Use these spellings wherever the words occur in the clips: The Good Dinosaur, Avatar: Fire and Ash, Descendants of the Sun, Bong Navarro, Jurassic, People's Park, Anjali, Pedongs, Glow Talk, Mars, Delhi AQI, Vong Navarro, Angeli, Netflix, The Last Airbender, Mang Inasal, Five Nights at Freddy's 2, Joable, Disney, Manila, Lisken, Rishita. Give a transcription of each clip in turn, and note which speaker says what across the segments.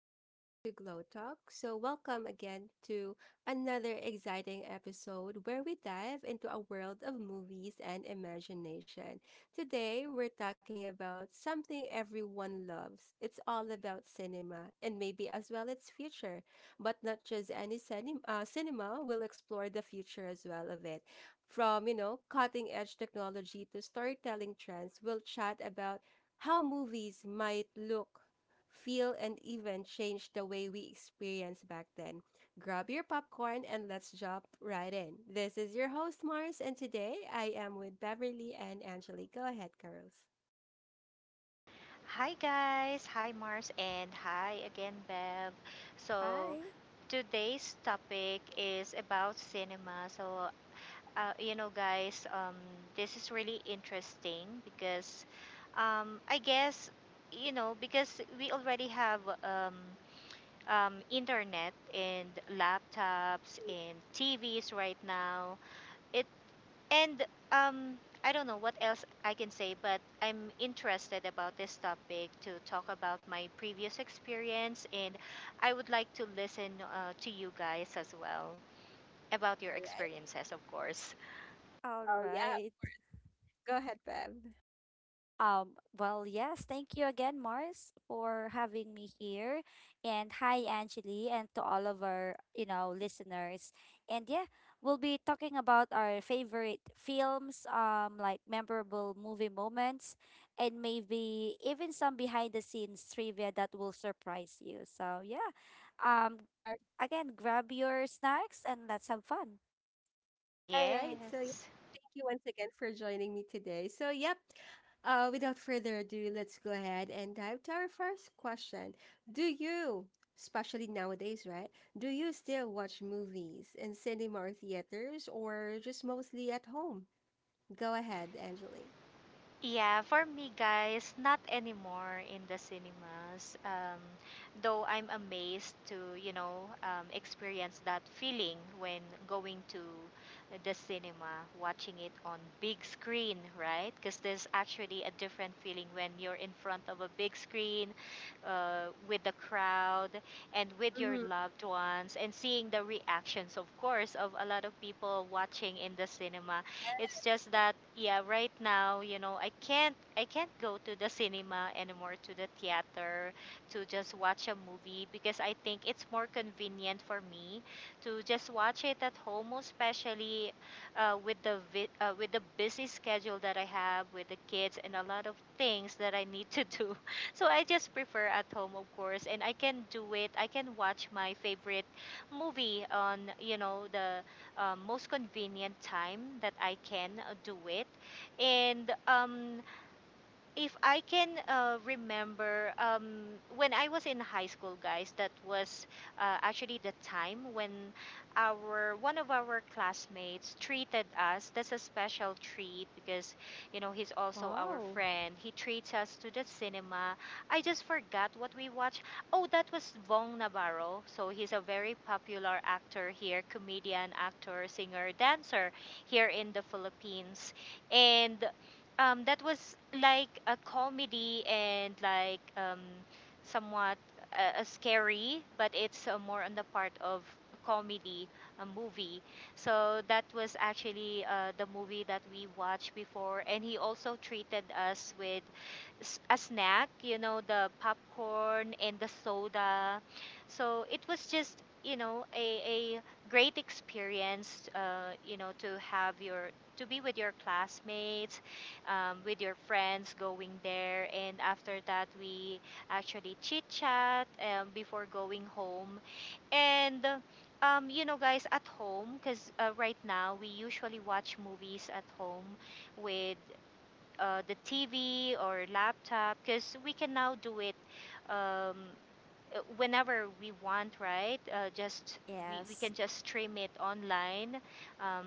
Speaker 1: and welcome back to Glow Talk. Welcome again to another exciting episode where we dive into a world of movies and imagination. Today, we're talking about something everyone loves. It's all about cinema and maybe as well its future. But not just any cinema, cinema we'll explore the future as well of it. From cutting edge technology to storytelling trends, we'll chat about how movies might look feel, and even change the way we experienced back then. Grab your popcorn and let's jump right in. This is your host, Mars, and today I am with Beverly and Angelique. Go ahead, girls.
Speaker 2: Hi guys, hi Mars and hi again Bev. So
Speaker 3: Hi.
Speaker 2: Today's topic is about cinema. Uh, you know guys, um, this is really interesting because I guess because we already have internet and laptops and TVs right now. It and um, I don't know what else I can say, but I'm interested about this topic to talk about my previous experience, and I would like to listen to you guys as well about
Speaker 1: All
Speaker 2: your
Speaker 1: right.
Speaker 2: experiences, of course.
Speaker 3: All
Speaker 1: Oh, yeah.
Speaker 3: right.
Speaker 1: Go ahead, Bev.
Speaker 3: Well, yes, thank you again, Mars, for having me here. And hi, Angeli, and to all of our listeners. And yeah, we'll be talking about our favorite films, like memorable movie moments, and maybe even some behind the scenes trivia that will surprise you. So yeah. Um,
Speaker 1: All
Speaker 3: again, grab your snacks and let's have fun.
Speaker 1: All right. So, yeah,
Speaker 2: Yes.
Speaker 1: thank you once again for joining me today. So, yep. Without further ado, let's go ahead and dive to our first question. Do you, especially nowadays, right? Do you still watch movies in cinema or theaters, or just mostly at home? Go ahead, Angeline.
Speaker 2: Yeah, for me, guys, not anymore in the cinemas. Though I'm amazed to, experience that feeling when going to the cinema, watching it on big screen, right? Because there's actually a different feeling when you're in front of a big screen, with the crowd and with your
Speaker 1: Mm-hmm,
Speaker 2: loved ones, and seeing the reactions, of course, of a lot of people watching in the cinema. It's just that, yeah, right now, you know, I can't go to the cinema anymore, to the theater, to just watch a movie because I think it's more convenient for me to just watch it at home, especially with the busy schedule that I have with the kids and a lot of things that I need to do. So I just prefer at home, of course, and I can do it. I can watch my favorite movie on the most convenient time that I can do it. And if I can remember, when I was in high school, guys, that was actually the time when our one of our classmates treated us. That's a special treat because, you know, he's also our
Speaker 3: Wow.
Speaker 2: friend. He treats us to the cinema. I just forgot what we watched. Oh, that was Bong Navarro. So he's a very popular actor here, comedian, actor, singer, dancer here in the Philippines. And that was like a comedy and somewhat scary, but it's more on the part of comedy, a movie. So that was actually the movie that we watched before, and he also treated us with a snack, you know, the popcorn and the soda. So it was just, you know, a great experience, you know, to have your to be with your classmates, with your friends going there. And after that we actually chit chat before going home. And you know, guys, at home, because right now we usually watch movies at home with the tv or laptop because we can now do it, um, whenever we want, right? Just We,
Speaker 3: Yes,
Speaker 2: can just stream it online. um,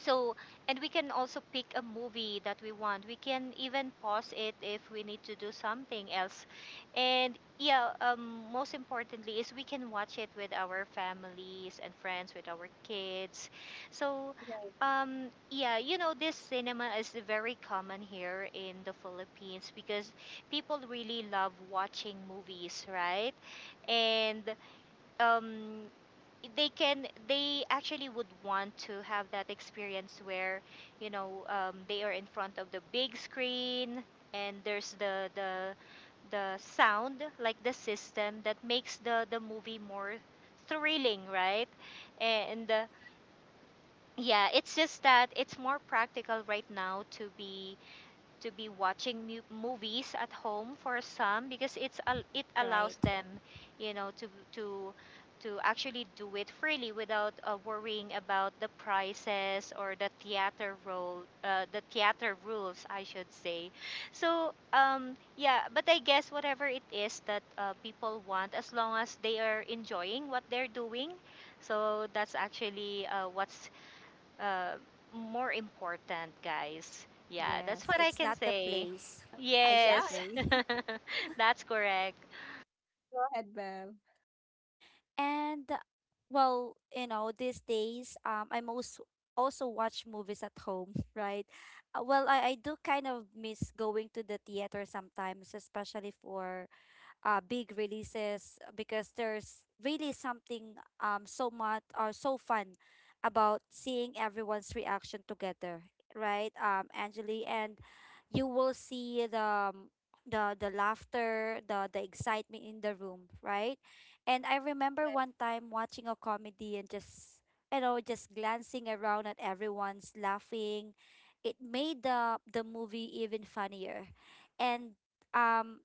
Speaker 2: so and we can also pick a movie that we want. We can even pause it if we need to do something else. And yeah, most importantly is we can watch it with our families and friends, with our kids. so
Speaker 1: right.
Speaker 2: yeah, you know, this cinema is very common here in the philippines because people really love watching movies, right? And um, they actually would want to have that experience where they are in front of the big screen. And there's the sound, like the system that makes the movie more thrilling, right? and
Speaker 1: Ex-
Speaker 2: Yeah, it's just that it's more practical right now to be watching movies at home for some because it allows
Speaker 3: right.
Speaker 2: them, you know, to actually do it freely without worrying about the prices or the theater role, the theater rules I should say. Yeah, but I guess whatever it is that people want, as long as they are enjoying what they're doing. So that's actually what's uh, more important, guys. Yeah, that's
Speaker 3: Yes,
Speaker 2: what I
Speaker 3: it's
Speaker 2: can
Speaker 3: not the
Speaker 2: say.
Speaker 3: place, I should
Speaker 1: yeah.
Speaker 2: Yes,
Speaker 3: say.
Speaker 2: that's correct.
Speaker 1: Go ahead, Bev.
Speaker 3: And well, these days, I most also watch movies at home, right? Well, I do kind of miss going to the theater sometimes, especially for big releases, because there's really something so much or so fun about seeing everyone's reaction together, right? Angeli, and you will see the laughter, the excitement in the room, right? And I remember
Speaker 1: Yeah.
Speaker 3: one time watching a comedy and just you know just glancing around at everyone's laughing. It made the movie even funnier. And um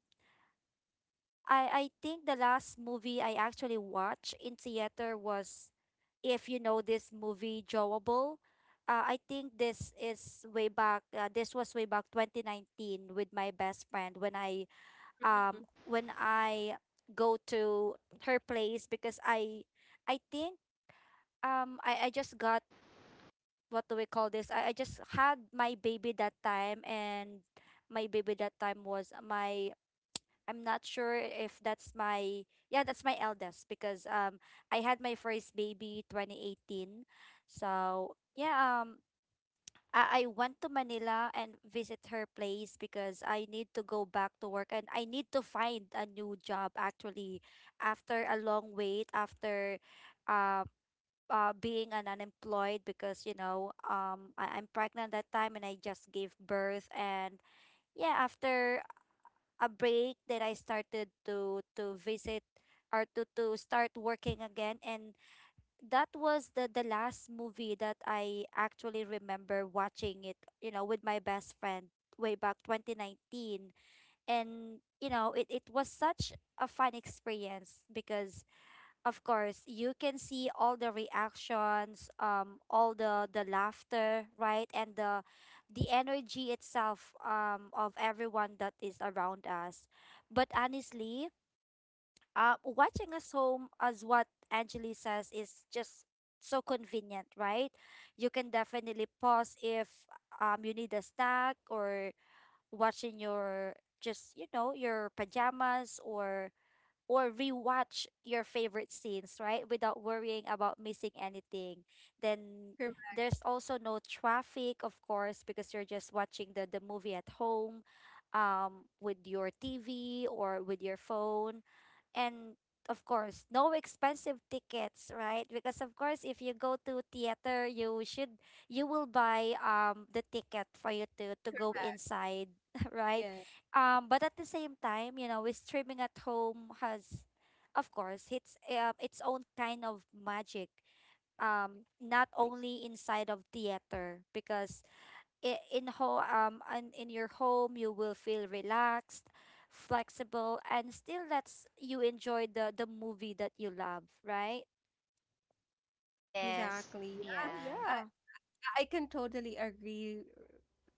Speaker 3: I think the last movie I actually watched in theater was, if you know this movie, Joable. I think this is way back. This was way back 2019 with my best friend when I
Speaker 1: Mm-hmm.
Speaker 3: um when I go to her place because I think, I just got, what do we call this? I just had my baby that time, and my baby that time was my, I'm not sure if that's my, yeah, that's my eldest, because I had my first baby 2018. So, yeah, I went to Manila and visit her place because I need to go back to work and I need to find a new job, actually, after a long wait, after uh, being an unemployed, because I'm pregnant that time, and I just gave birth. And yeah, after a break, that I started to visit, or to start working again. And that was the last movie that I actually remember watching it with my best friend way back 2019. And it was such a fun experience, because of course you can see all the reactions, all the laughter, right? And the energy itself, of everyone that is around us. But honestly, watching us home, as what Angeli says, is just so convenient, right? You can definitely pause if you need a snack, or watching your, just your pajamas, or rewatch your favorite scenes, right? Without worrying about missing anything. Then there's also no traffic, of course, because you're just watching the movie at home, with your TV or with your phone. And of course, no expensive tickets, right? Because of course, if you go to theater, you will buy the ticket for you to go inside, right?
Speaker 1: Yeah.
Speaker 3: But at the same time, with streaming at home has, of course, it's its own kind of magic. Not only inside of theater, because in your home you will feel relaxed, flexible, and still lets you enjoy the movie that you love, right?
Speaker 2: Yes,
Speaker 1: Exactly. Yeah.
Speaker 3: So
Speaker 2: yeah,
Speaker 1: Uh,
Speaker 3: yeah,
Speaker 1: I can totally agree.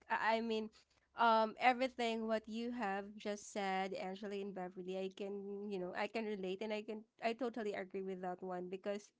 Speaker 1: I mean, everything what you have just said, Angela and Beverly, I can, you know, I can relate and I can, I totally agree with that one because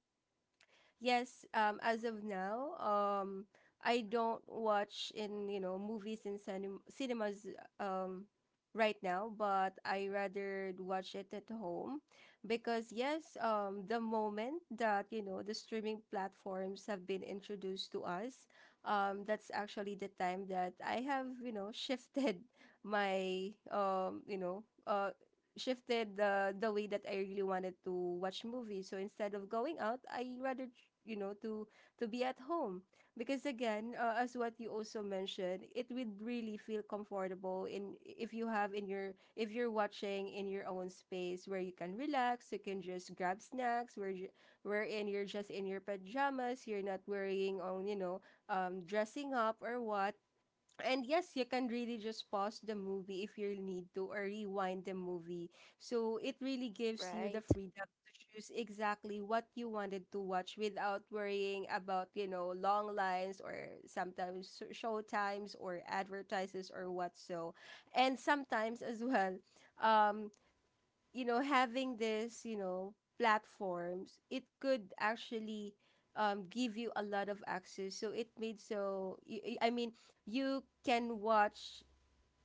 Speaker 1: yes, as of now, I don't watch in, you know, movies in cinemas um right now, but I rather watch it at home because yes, the moment that, you know, the streaming platforms have been introduced to us, that's actually the time that I have, you know, shifted my you know, shifted the way that I really wanted to watch movies. So instead of going out, you know to be at home because again, as what you also mentioned, it would really feel comfortable in if you have in your if you're watching in your own space where you can relax, you can just grab snacks, wherein you're just in your pajamas, you're not worrying on you know dressing up or what and yes, you can really just pause the movie if you need to or rewind the movie. So it really gives you the
Speaker 3: right?
Speaker 1: freedom to choose exactly what you wanted to watch without worrying about, you know, long lines or sometimes show times or advertises or what so. And sometimes as well, um, you know, having this, you know, platforms, it could actually give you a lot of access. So it made so, I mean, you can watch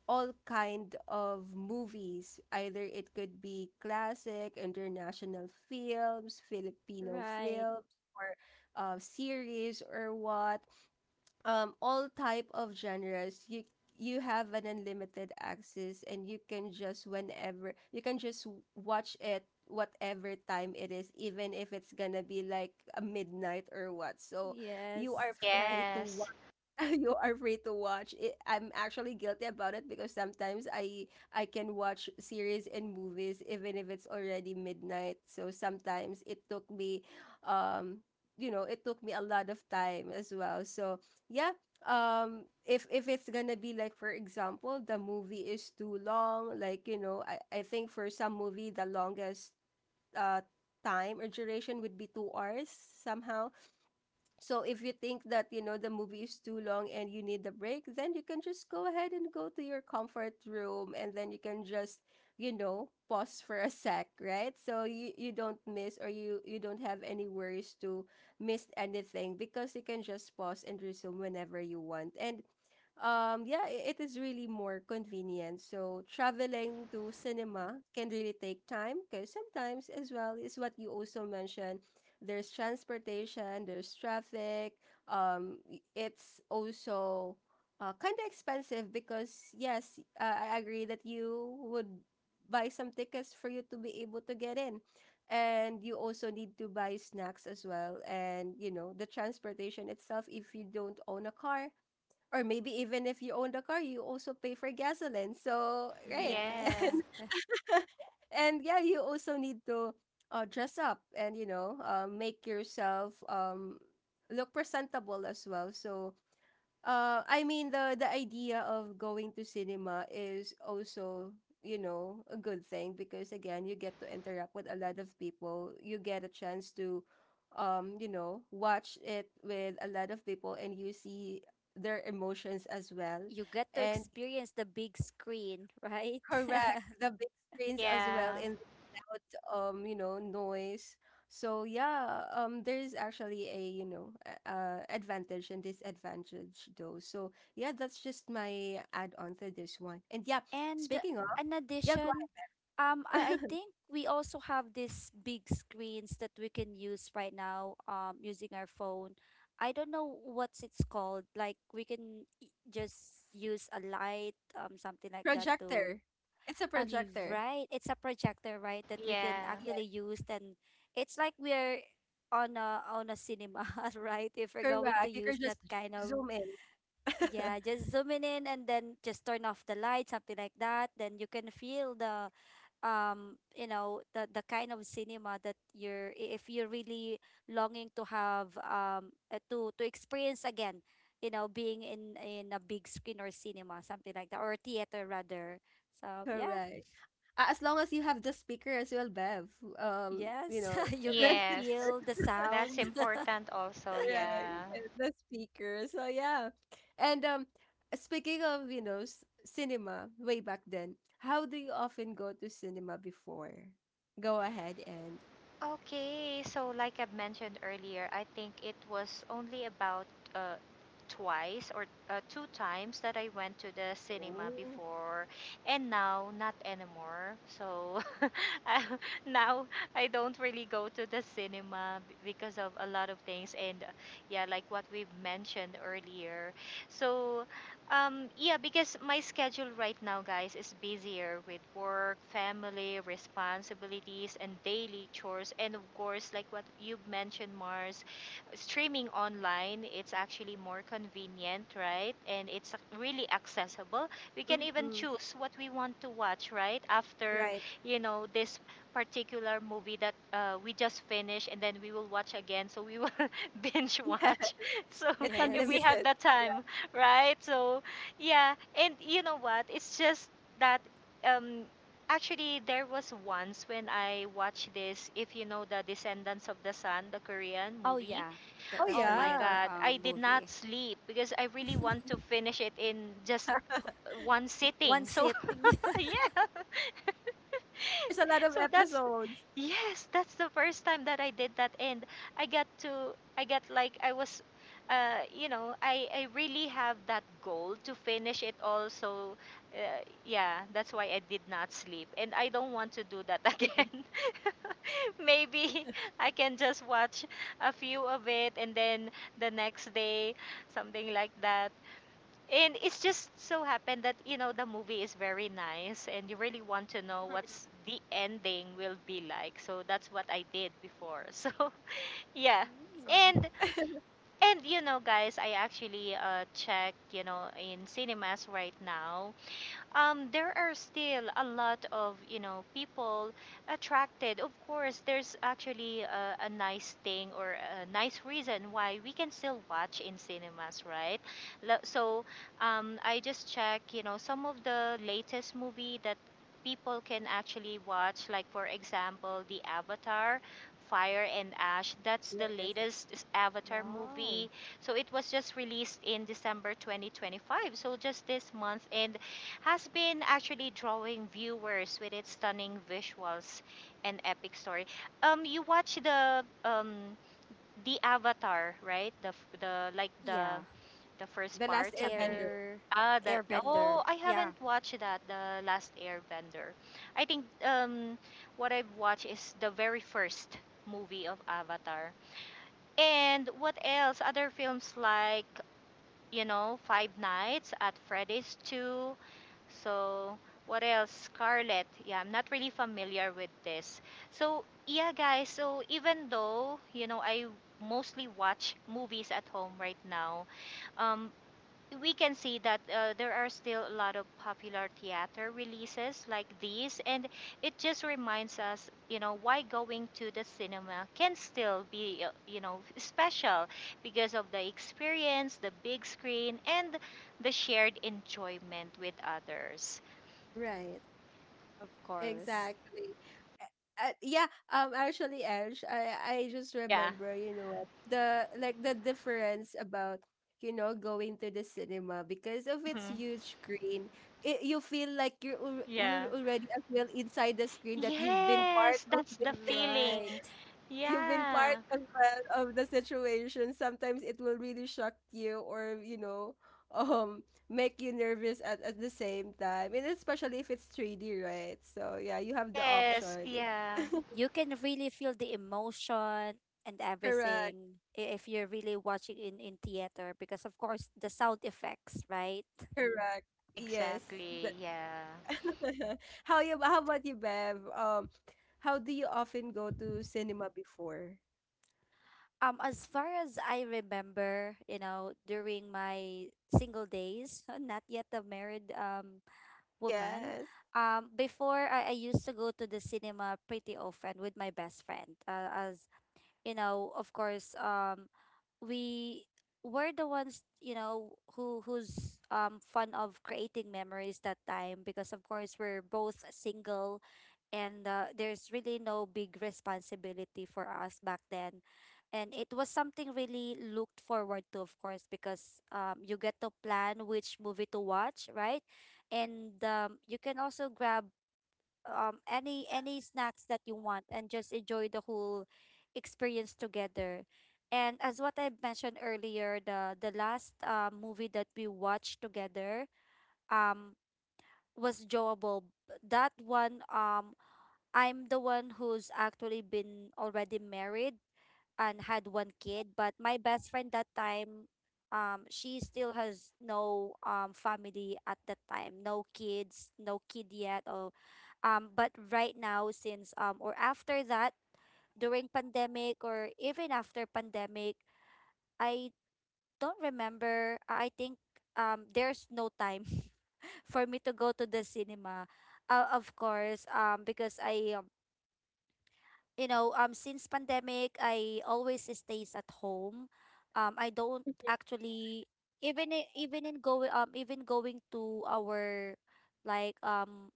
Speaker 1: all kind of movies. Either it could be classic, international films, Filipino
Speaker 3: Right.
Speaker 1: films, or series or what all type of genres you have an unlimited access and you can just whenever you can just watch it whatever time it is even if it's gonna be like a midnight or what so you are
Speaker 3: Yes,
Speaker 1: free
Speaker 3: right.
Speaker 1: to
Speaker 2: yes,
Speaker 1: you are free to watch it. I'm actually guilty about it because sometimes I can watch series and movies even if it's already midnight. So sometimes it took me um you know, it took me a lot of time as well. So yeah, if it's going to be like for example, the movie is too long, like you know, I think for some movie the longest uh time or duration would be 2 hours somehow so if you think that, you know, the movie is too long and you need a break, then you can just go ahead and go to your comfort room and then you can just, you know, pause for a sec, right? So you don't miss or you don't have any worries to miss anything because you can just pause and resume whenever you want. And yeah, it is really more convenient. So traveling to cinema can really take time because sometimes, as well, is what you also mentioned. There's transportation, there's traffic. It's also kind of expensive because yes, I agree that you would buy some tickets for you to be able to get in, and you also need to buy snacks as well, and you know the transportation itself if you don't own a car or maybe even if you own the car, you also pay for gasoline. So, right.
Speaker 2: yeah,
Speaker 1: And,
Speaker 3: Yes.
Speaker 1: and yeah, you also need to dress up and, you know, make yourself look presentable as well. So, I mean the idea of going to cinema is also, you know, a good thing because again, you get to interact with a lot of people. You get a chance to, you know, watch it with a lot of people, and you see their emotions as well.
Speaker 3: You get to
Speaker 1: And
Speaker 3: experience the big screen, right?
Speaker 1: correct. The big screens as well
Speaker 2: yeah,
Speaker 1: and without you know, noise. So yeah, there is actually a, you know, uh advantage and disadvantage though. So yeah, that's just my add-on to this one. And yeah,
Speaker 3: And
Speaker 1: speaking of,
Speaker 3: in
Speaker 1: yeah, go
Speaker 3: addition, I
Speaker 1: ahead.
Speaker 3: think we also have these big screens that we can use right now, using our phone. I don't know what's it's called. Like we can, just use a light, something like that, to
Speaker 1: Projector. It's a
Speaker 3: leave,
Speaker 1: projector.
Speaker 3: right? It's a projector, right? That we can
Speaker 2: yeah,
Speaker 1: Yeah,
Speaker 3: actually use. Then it's like we're on a cinema, right? If we're going to
Speaker 1: correct. You can
Speaker 3: use that
Speaker 1: just
Speaker 3: kind of,
Speaker 1: zoom in.
Speaker 3: yeah, just zooming in and then just turn off the light, something like that. Then you can feel the kind of cinema that if you're really longing to have, to experience again, being in a big screen or cinema, something like that, or theater rather. So yeah.
Speaker 1: Correct. As long as you have the speaker as well, Bev. You
Speaker 3: Yes,
Speaker 1: know,
Speaker 3: you can
Speaker 2: yes.
Speaker 3: feel the
Speaker 2: That's
Speaker 3: sound.
Speaker 2: important also,
Speaker 1: correct.
Speaker 2: yeah.
Speaker 1: And the speaker. So yeah. And speaking of, you know, cinema way back then, how do you often go to cinema before? Go ahead and
Speaker 2: Okay, so like I've mentioned earlier, I think it was only about uh, twice or two times that I went to the cinema
Speaker 1: oh.
Speaker 2: before, and now not anymore. So I- now I don't really go to the cinema because of a lot of things, and yeah, like what we've mentioned earlier. So yeah, because my schedule right now, guys, is busier with work, family, responsibilities, and daily chores. And of course, like what you've mentioned, Mars, streaming online, it's actually more convenient, right? And really accessible. We can even
Speaker 1: Hmm.
Speaker 2: choose what we want to watch, right? After,
Speaker 1: Right.
Speaker 2: you know, this particular movie that we just finished, and then we will watch again. So we will binge watch. So
Speaker 1: Yeah. It's
Speaker 2: if we
Speaker 3: Yes.
Speaker 2: have
Speaker 1: unlimited.
Speaker 2: the time, right? And you know what? It's just that um actually there was once when I watched this, if you know the Descendants of the Sun, the Korean
Speaker 3: Oh
Speaker 2: movie.
Speaker 3: yeah, the
Speaker 1: Oh
Speaker 3: the
Speaker 2: Oh my
Speaker 1: yeah.
Speaker 3: Korean
Speaker 2: god, I did not
Speaker 3: movie.
Speaker 2: sleep because I really want to finish it in just one
Speaker 3: One
Speaker 2: sitting. So
Speaker 3: sitting.
Speaker 2: yeah.
Speaker 1: There's a lot of
Speaker 2: So that's
Speaker 1: episodes.
Speaker 2: Yes, that's the first time that I did that. And I got to I got like I was I really have that goal to finish it all. So yeah, that's why I did not sleep, and I don't want to do that again. Maybe I can just watch a few of it and then the next day, something like that. And it's just so happened that, you know, the movie is very nice and you really want to know what's the ending will be like. So that's what I did before. So yeah.
Speaker 1: That's
Speaker 3: Mm.
Speaker 2: And
Speaker 1: why.
Speaker 2: and you know, guys, I actually check, you know, in cinemas right now, there are still a lot of, you know, people attracted. Of course, there's actually a nice thing or a nice reason why we can still watch in cinemas, right? Lo- So I just check, you know, some of the latest movie that people can actually watch, like for example the Avatar Fire and Ash. That's the
Speaker 1: Yes.
Speaker 2: latest Avatar movie.
Speaker 3: Wow.
Speaker 2: So it was just released in December 2025, so just this month, and has been actually drawing viewers with its stunning visuals and epic story. You watch the Avatar, right?
Speaker 3: Yeah.
Speaker 2: The first
Speaker 1: The Last
Speaker 2: part, something.
Speaker 1: Airbender.
Speaker 3: Air
Speaker 2: Ah, the Oh,
Speaker 3: airbender.
Speaker 2: I haven't
Speaker 3: Yeah,
Speaker 2: watched that. The Last Airbender. I think What I've watched is the very first movie of Avatar. And what else? Other films like, you know, Five Nights at Freddy's 2, so, what else? Scarlet. Yeah, I'm not really familiar with this. So, yeah, guys. So, even though, you know, I mostly watch movies at home right now, um, we can see that there are still a lot of popular theater releases like these, and it just reminds us, you know, why going to the cinema can still be, you know, special because of the experience, the big screen, and the shared enjoyment with others.
Speaker 1: Right.
Speaker 3: of course.
Speaker 1: Exactly. Yeah, actually Ange, I just
Speaker 2: Yeah.
Speaker 1: remember, you know, what, the like the difference about you know going to the cinema because of its
Speaker 2: Mhm.
Speaker 1: huge screen. It, you feel like you're
Speaker 2: Yeah.
Speaker 1: already as well inside the screen that you've been part
Speaker 2: Yes,
Speaker 1: of
Speaker 2: that's
Speaker 1: the
Speaker 2: the
Speaker 3: Right.
Speaker 2: feeling.
Speaker 1: you've been part
Speaker 2: Yeah.
Speaker 1: as well of the situation, sometimes it will really shock you or, you know, um, make you nervous at the same time. And especially if it's 3D, right? So yeah, you have the
Speaker 2: Yes,
Speaker 1: option.
Speaker 2: yeah.
Speaker 3: You can really feel the emotion and
Speaker 1: Correct,
Speaker 3: everything, if you're really watching in theater, because of course the sound effects, right?
Speaker 1: correct. Yes.
Speaker 2: Exactly.
Speaker 1: That-
Speaker 2: Yeah.
Speaker 1: How about you, Bev? How do you often go to cinema before?
Speaker 3: As far as I remember, during my single days, not yet a married woman.
Speaker 1: Yes.
Speaker 3: Before I used to go to the cinema pretty often with my best friend, as, of course, we were the ones, who's fun of creating memories that time, because of course we're both single. And there's really no big responsibility for us back then, and it was something really looked forward to, of course, because you get to plan which movie to watch, right? And you can also grab any snacks that you want and just enjoy the whole experience together. And as what I mentioned earlier, the last movie that we watched together, um was Joable. That one, I'm the one who's actually been already married and had one kid, but my best friend that time, she still has no family at that time, no kid yet. Or but right now, since, or after that, during pandemic, or even after pandemic, I don't remember. I think, there's no time, for me to go to the cinema, of course, because since pandemic, I always stays at home. I don't actually, even I- even in going even going to our, like um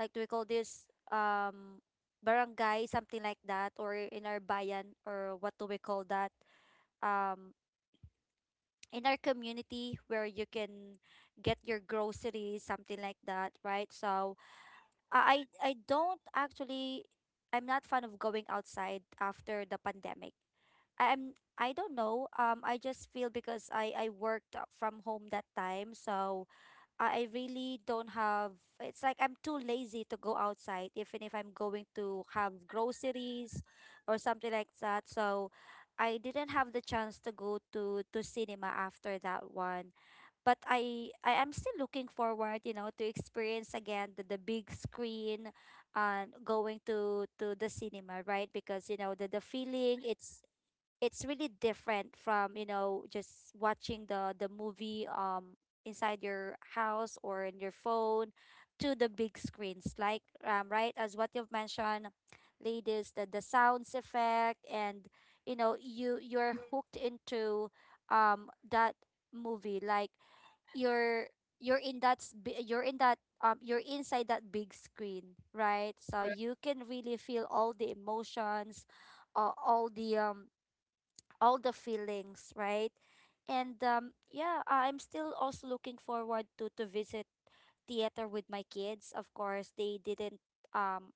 Speaker 3: like do we call this, barangay, something like that, or in our bayan, or what do we call that, um in our community, where you can get your groceries, something like that, right? So I don't actually, I'm not fan of going outside after the pandemic. I- I'm I don't know. I just feel, because I worked from home that time, so I really don't have. It's like I'm too lazy to go outside, even if I'm going to have groceries or something like that. So I didn't have the chance to go to cinema after that one. But I am still looking forward, to experience again the big screen, and going to the cinema, right? Because the feeling, it's really different from, just watching the movie, inside your house or in your phone, to the big screens, like, right, as what you've mentioned, ladies, the sounds effect. And you're hooked into, that movie, like you're you're in that, s- bi- you're in that you're inside that big screen, right? So
Speaker 1: Mhm.
Speaker 3: you can really feel all the emotions, all the, all the feelings, right? And yeah, I'm still also looking forward to visit theater with my kids, of course. They didn't, um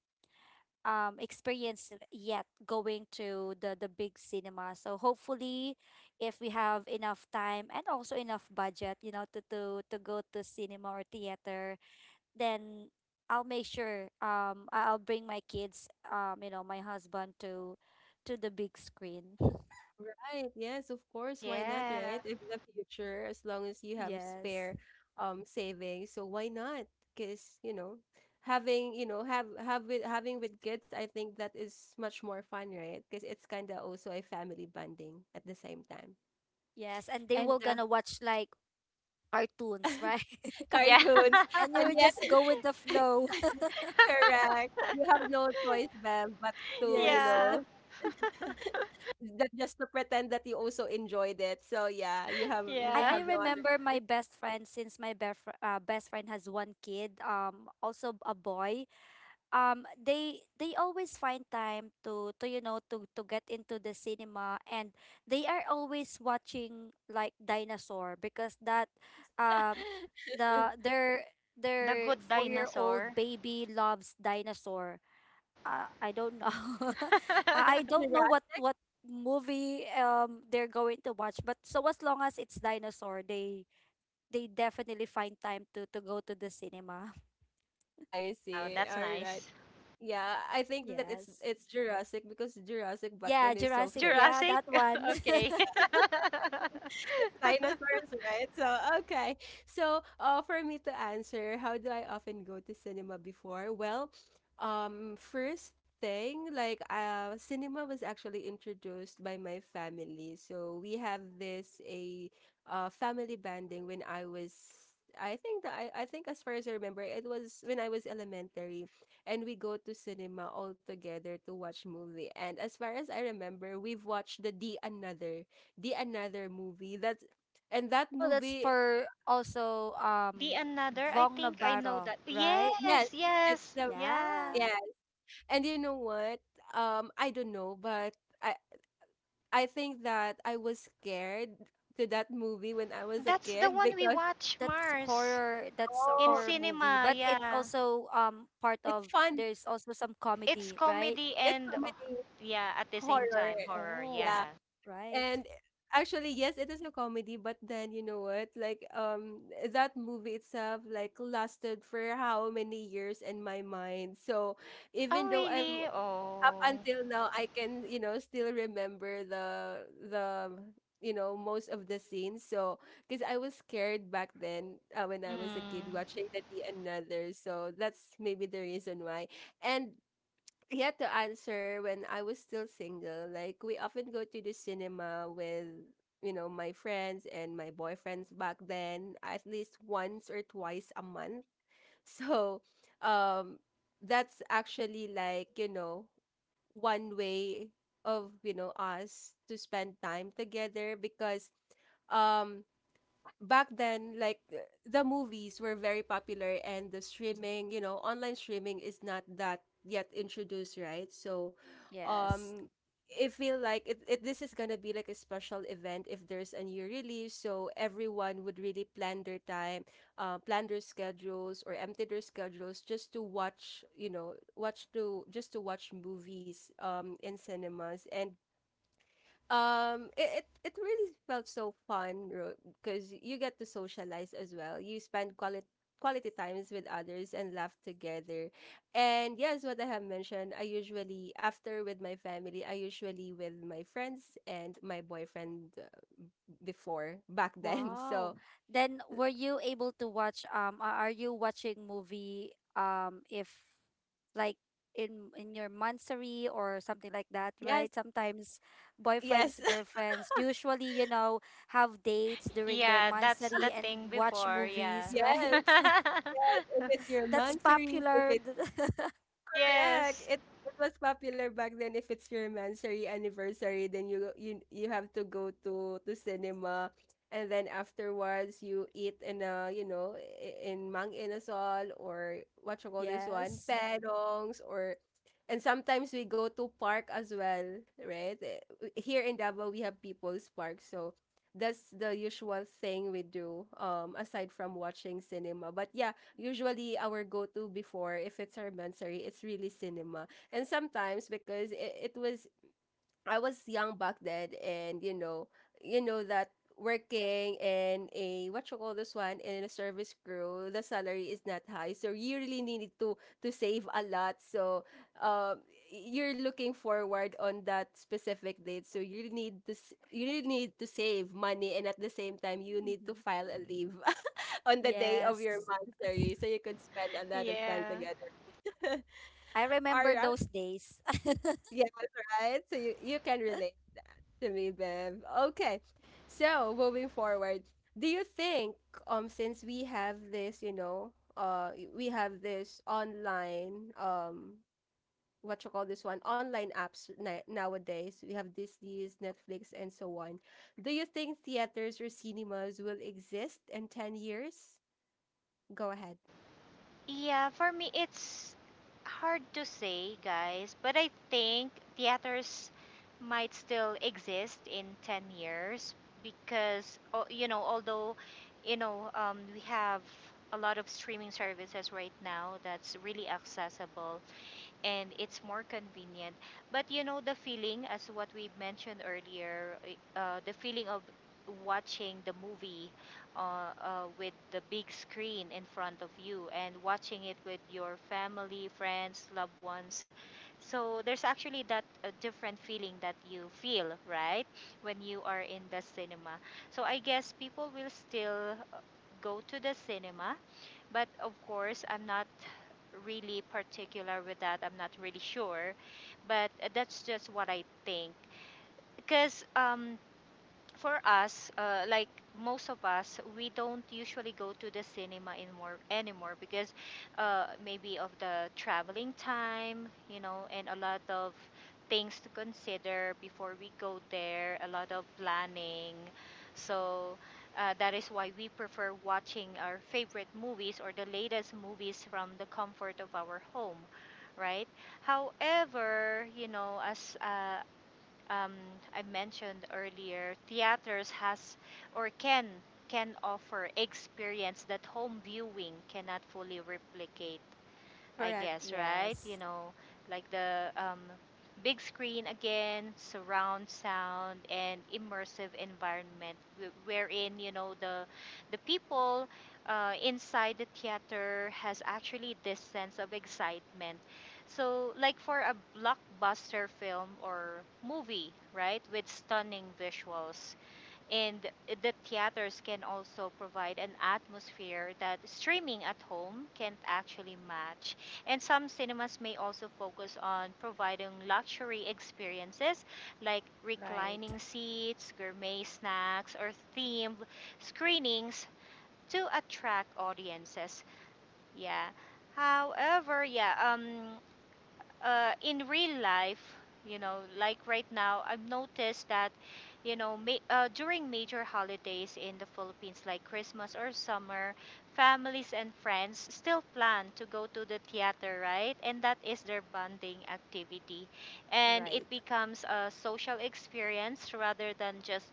Speaker 3: experience yet, going to the big cinema. So hopefully, if we have enough time and also enough budget, to go to cinema or theater, then I'll make sure, I'll bring my kids, my husband, to the big screen.
Speaker 1: Right. Yes, of course. Why not,
Speaker 2: Yeah.
Speaker 1: right? If in the future, as long as you have
Speaker 3: Yes.
Speaker 1: spare savings, so why not? Because, you know, having, you know, have with having with kids, I think that is much more fun, right? Because it's kind of also a family bonding at the same time.
Speaker 3: Yes, and they
Speaker 1: And
Speaker 3: will gonna watch like cartoons, right?
Speaker 2: Yeah.
Speaker 1: cartoons.
Speaker 3: And you
Speaker 1: And
Speaker 3: will
Speaker 1: yet,
Speaker 3: just go with the flow.
Speaker 1: correct. You have no choice, Bev, but to, you
Speaker 3: Yes.
Speaker 1: know,
Speaker 2: Yeah.
Speaker 1: that just to pretend that you also enjoyed it. So yeah,
Speaker 3: I,
Speaker 1: you
Speaker 2: Yeah.
Speaker 3: I
Speaker 1: have no other
Speaker 3: remember my
Speaker 1: choice.
Speaker 3: best friend. Since my best friend has one kid, also a boy, they always find time to, to get into the cinema. And they are always watching like dinosaur, because that um the
Speaker 2: The
Speaker 3: their
Speaker 2: Good
Speaker 3: 4-year-old
Speaker 2: Dinosaur.
Speaker 3: baby loves dinosaur. I don't know.
Speaker 1: Is
Speaker 3: I
Speaker 1: it
Speaker 3: don't know what
Speaker 1: Jurassic?
Speaker 3: what movie they're going to watch, but so as long as it's dinosaur, they definitely find time to go to the cinema.
Speaker 1: I
Speaker 2: Wow,
Speaker 1: see.
Speaker 2: that's
Speaker 1: All right.
Speaker 2: nice.
Speaker 1: Yeah, I think that
Speaker 3: Yes.
Speaker 1: it's Jurassic because Jurassic back
Speaker 3: Yeah,
Speaker 1: then is so
Speaker 2: Oh,
Speaker 3: Jurassic,
Speaker 1: famous.
Speaker 3: yeah,
Speaker 2: Jurassic?
Speaker 3: that one.
Speaker 2: Okay.
Speaker 1: It's dinosaurs, right? So, okay. So, for me to answer, how do I often go to cinema before? Well, first thing, like, cinema was actually introduced by my family. So, we have this a family banding when I was. I think as far as I remember, it was when I was elementary and we go to cinema all together to watch movie. And as far as I remember, we've watched the another movie that's and that
Speaker 3: Oh, that's
Speaker 1: movie
Speaker 3: for also,
Speaker 2: The Another, I
Speaker 3: Vong
Speaker 2: think I know
Speaker 3: Navarro,
Speaker 2: that.
Speaker 3: right?
Speaker 1: yes
Speaker 2: Yes,
Speaker 1: it's
Speaker 2: yes,
Speaker 1: the
Speaker 2: yeah.
Speaker 3: Yeah.
Speaker 1: yeah and you know what I don't know but i I think that I was scared to that movie when I was a
Speaker 2: That's the
Speaker 1: kid
Speaker 2: one we
Speaker 1: because
Speaker 2: watch,
Speaker 3: That's
Speaker 2: Mars,
Speaker 3: horror, that's a
Speaker 2: in
Speaker 1: oh
Speaker 3: horror movie,
Speaker 2: cinema,
Speaker 3: but it's
Speaker 2: yeah.
Speaker 3: also part
Speaker 1: it's
Speaker 3: of,
Speaker 1: fun
Speaker 3: there's also some
Speaker 2: It's
Speaker 3: comedy, right?
Speaker 2: comedy
Speaker 1: it's
Speaker 2: and, oh,
Speaker 1: comedy
Speaker 2: yeah, at the same
Speaker 1: horror
Speaker 2: time, horror,
Speaker 3: Oh,
Speaker 1: yeah
Speaker 2: yeah.
Speaker 3: right.
Speaker 1: and actually yes it is a comedy but then you know what like that movie itself like lasted for how many years in my mind so
Speaker 2: Oh,
Speaker 1: even though I've
Speaker 2: really?
Speaker 1: up
Speaker 2: Oh.
Speaker 1: until now I can, you know, still remember the you know most of the scenes. So because I was scared back then when I was a kid
Speaker 2: Mm.
Speaker 1: watching the Another. So that's maybe the reason why. And yeah, to answer when I was still single, like we often go to the cinema with you know my friends and my boyfriends back then at least once or twice a month. So um that's actually like you know one way of you know us to spend time together because um back then, like the movies were very popular and the streaming, you know, online streaming is not that yet introduced, right? So,
Speaker 3: Yes.
Speaker 1: um, I feel like it this is gonna be like a special event if there's a new release, so everyone would really plan their time, plan their schedules or empty their schedules just to watch, you know, watch to just to watch movies in cinemas and it really felt so fun because you get to socialize as well. You spend quality times with others and laugh together. And yes, what I have mentioned, I usually after with my family, I usually with my friends and my boyfriend before back then.
Speaker 3: Wow.
Speaker 1: So
Speaker 3: Then, were you able to watch, are you watching movie, if like in your monthsary or something like that,
Speaker 1: yes,
Speaker 3: right? Sometimes
Speaker 1: yes,
Speaker 3: boyfriends, girlfriends usually, have dates during their
Speaker 2: Yeah, that's the
Speaker 3: monthsary and
Speaker 2: thing
Speaker 3: watch
Speaker 2: before, yeah.
Speaker 3: movies,
Speaker 1: yes.
Speaker 3: right?
Speaker 1: If it's your
Speaker 3: That's
Speaker 1: monthsary, if
Speaker 3: popular.
Speaker 1: correct.
Speaker 2: yes,
Speaker 1: It was popular back then. If it's your mansory anniversary, then you have to go to cinema, and then afterwards you eat in a in Mang Inasal or what you call this one,
Speaker 3: Yes.
Speaker 1: Pedongs or. And sometimes we go to park as well, right? Here in Davao, we have People's Park, so that's the usual thing we do, aside from watching cinema. But yeah, usually our go-to before, if it's our mensary, it's really cinema. And sometimes because it was I was young back then, and you know that working in a what you call this one in a service crew, the salary is not high, so you really need to save a lot. So, um, you're looking forward on that specific date, so you really need to save money, and at the same time, you need to
Speaker 3: Hmm.
Speaker 1: file a leave. On the day of your
Speaker 3: Yes.
Speaker 1: mastery so you could spend a lot of time
Speaker 2: yeah.
Speaker 1: together.
Speaker 3: I
Speaker 1: All
Speaker 3: remember
Speaker 1: right.
Speaker 3: those days.
Speaker 1: Yes, right. So you can relate to me, Bev. Okay. So moving forward, do you think since we have this, you know, we have this online what you call this one online apps nowadays we have Disney's Netflix and so on. Do you think theaters or cinemas will exist in 10 years? Go ahead.
Speaker 2: Yeah, for me, it's hard to say, guys, but I think theaters might still exist in 10 years because, oh, you know, although, you know, we have a lot of streaming services right now that's really accessible and it's more convenient. But you know, the feeling, as what we mentioned earlier, the feeling of watching the movie uh, with the big screen in front of you and watching it with your family, friends, loved ones. So there's actually that different feeling that you feel, right, when you are in the cinema. So I guess people will still go to the cinema, but of course, I'm not really particular with that. I'm not really sure. But that's just what I think. Because for us, like most of us, we don't usually go to the cinema anymore because maybe of the traveling time, you know, and a lot of things to consider before we go there, a lot of planning. So that is why we prefer watching our favorite movies or the latest movies from the comfort of our home, right? However, you know, as um, I mentioned earlier, theaters has or can offer experience that home viewing cannot fully replicate. I
Speaker 1: Correct.
Speaker 2: guess, right? You
Speaker 3: Yes.
Speaker 2: know, like the big screen again, surround sound, and immersive environment, wherein the people inside the theater has actually this sense of excitement. So, like for a blockbuster film or movie, right, with stunning visuals, and the theaters can also provide an atmosphere that streaming at home can't actually match. And some cinemas may also focus on providing luxury experiences like
Speaker 3: Right.
Speaker 2: reclining seats, gourmet snacks, or themed screenings to attract audiences. Yeah. However, yeah, in real life, you know, like right now, I've noticed that, you know, during major holidays in the Philippines, like Christmas or summer, families and friends still plan to go to the theater, right? And that is their bonding activity. And it
Speaker 3: Right.
Speaker 2: becomes a social experience rather than just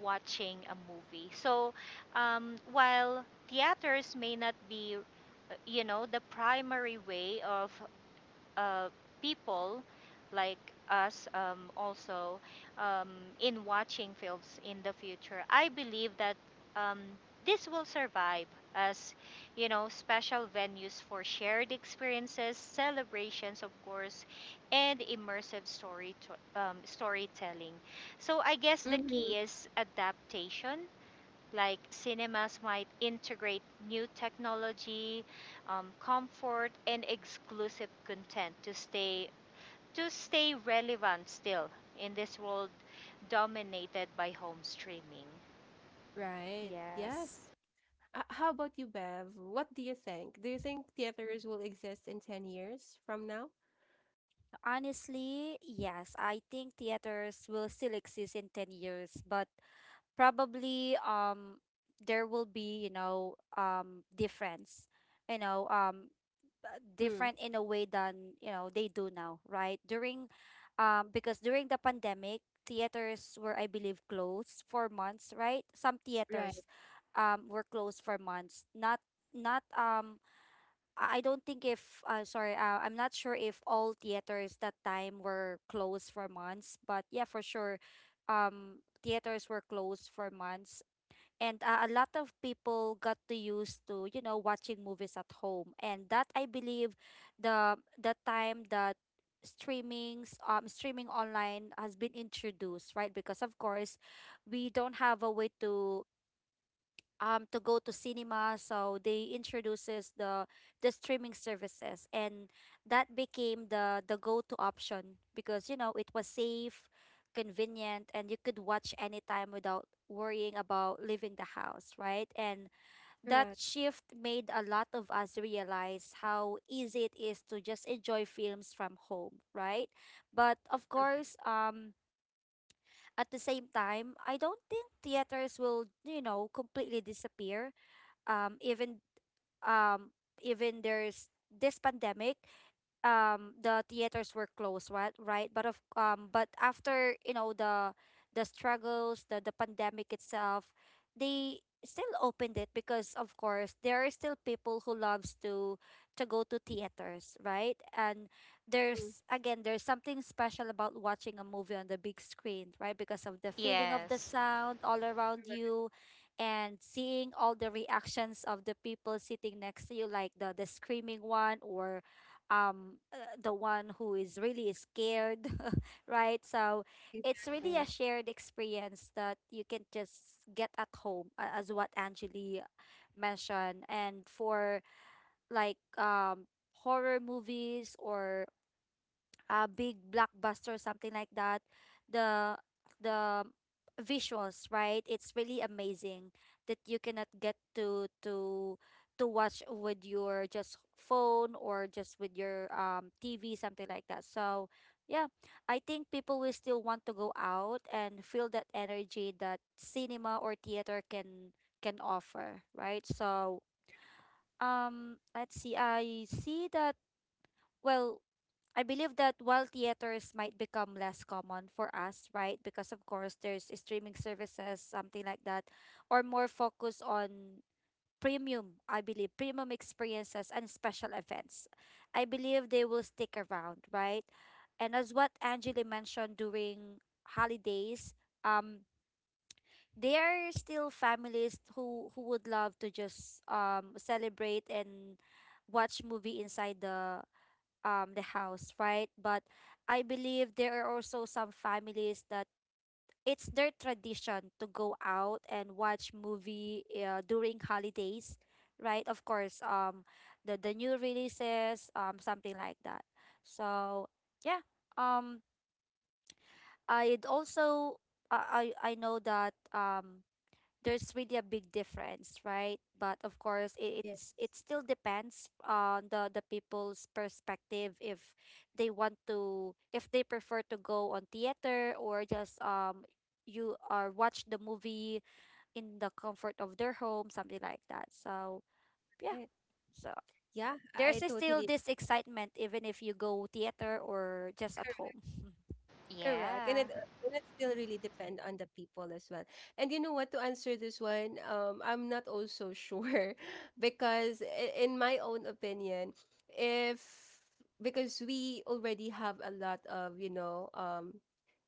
Speaker 2: watching a movie. So while theaters may not be you know the primary way of uh, people like us also um, in watching films in the future, I believe that um, this will survive as you know special venues for shared experiences, celebrations, of course, and immersive storytelling. So I guess the
Speaker 1: Mm-hmm.
Speaker 2: key is adaptation like cinemas might integrate new technology, comfort, and exclusive content to stay relevant still in this world dominated by home streaming.
Speaker 1: Right.
Speaker 3: Yes.
Speaker 1: Yes. How about you, Bev? What do you think? Do you think theaters will exist in 10 years from now?
Speaker 3: Honestly, yes. I think theaters will still exist in 10 years, but probably there will be difference. You know, um
Speaker 1: Mm-hmm.
Speaker 3: Different in a way than, you know, they do now, right? During Because during the pandemic, theaters were, I believe, closed for months, right? Some
Speaker 1: Right.
Speaker 3: theaters were closed for months. Not not I don't think if sorry, I'm not sure if all theaters that time were closed for months, but yeah, for sure, theaters were closed for months, and a lot of people got to used to, you know, watching movies at home, and that, I believe, the time that streaming online has been introduced, right? Because of course we don't have a way to go to cinema, so they introduces the streaming services, and that became the go-to option because, you know, it was safe, convenient, and you could watch anytime without worrying about leaving the house, right? And that
Speaker 1: Correct.
Speaker 3: shift made a lot of us realize how easy it is to just enjoy films from home, right? But of
Speaker 1: Correct.
Speaker 3: course, at the same time, I don't think theaters will, you know, completely disappear. um even um Even there's this pandemic, the theaters were closed, right? Right. But of but after, you know, the struggles, the pandemic itself, they still opened it because of course there are still people who loves to go to theaters, right? And
Speaker 1: Mm,
Speaker 3: there's, again, there's something special about watching a movie on the big screen, right? Because of the feeling of the
Speaker 2: Yes.
Speaker 3: sound all around
Speaker 1: correct.
Speaker 3: you, and seeing all the reactions of the people sitting next to you, like the screaming one, or the one who is really scared, right? So it's really a
Speaker 1: Exactly.
Speaker 3: shared experience that you can just get at home, a- as what Angeli mentioned. And for like horror movies or big blockbuster, something like that, the the visuals, right? It's really amazing that you cannot get to watch with your just phone or just with your TV, something like that. So yeah, I think people will still want to go out and feel that energy that cinema or theater can offer, right? So let's see. I see that, well, I believe that while theaters might become less common for us, right? Because of course there's streaming services, something like that, or more focus on premium, I believe, premium experiences and special events. I believe they will stick around, right? And as what Angeli mentioned, during holidays, um, there are still families who would love to just celebrate and watch movie inside the house, right? But I believe there are also some families that it's their tradition to go out and watch movie during holidays, right? Of course, the new releases, something like that. So, yeah. Um I'd also I know that there's really a big difference, right? But of course, it,
Speaker 1: Yeah.
Speaker 3: it's it still depends on the people's perspective if they want to if they prefer to go on theater or just you are watch the movie in the comfort of their home, something like that. So yeah,
Speaker 1: I,
Speaker 3: so
Speaker 1: yeah.
Speaker 3: there's
Speaker 1: I
Speaker 3: still
Speaker 1: totally
Speaker 3: this excitement even if you go theater or just at home.
Speaker 1: correct. And
Speaker 2: Yeah.
Speaker 1: it still really depend on the people as well. And you know what, to answer this one, I'm not also sure because in my own opinion, if because we already have a lot of, you know,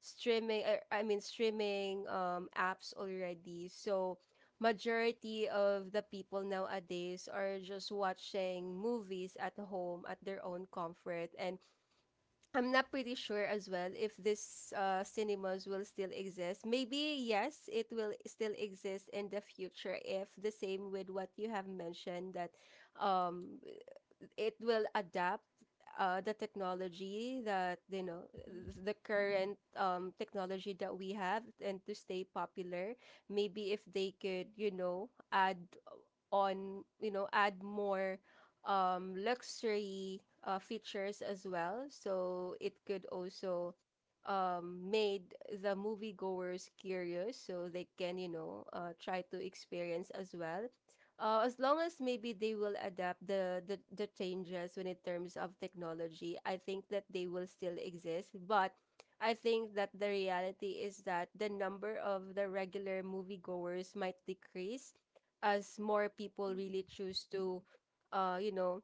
Speaker 1: streaming I mean streaming apps already. So majority of the people nowadays are just watching movies at home at their own comfort. And I'm not pretty sure as well if this cinemas will still exist. Maybe yes, it will still exist in the future if the same with what you have mentioned that um it will adapt the technology that you know
Speaker 3: Mhm.
Speaker 1: the current technology that we have and to stay popular. Maybe if they could you know add on you know add more luxury features as well so it could also made the moviegoers curious so they can you know try to experience as well, as long as maybe they will adapt the changes when in terms of technology, I think that they will still exist. But I think that the reality is that the number of the regular moviegoers might decrease as more people really
Speaker 3: Mm-mm.
Speaker 1: choose to, you know,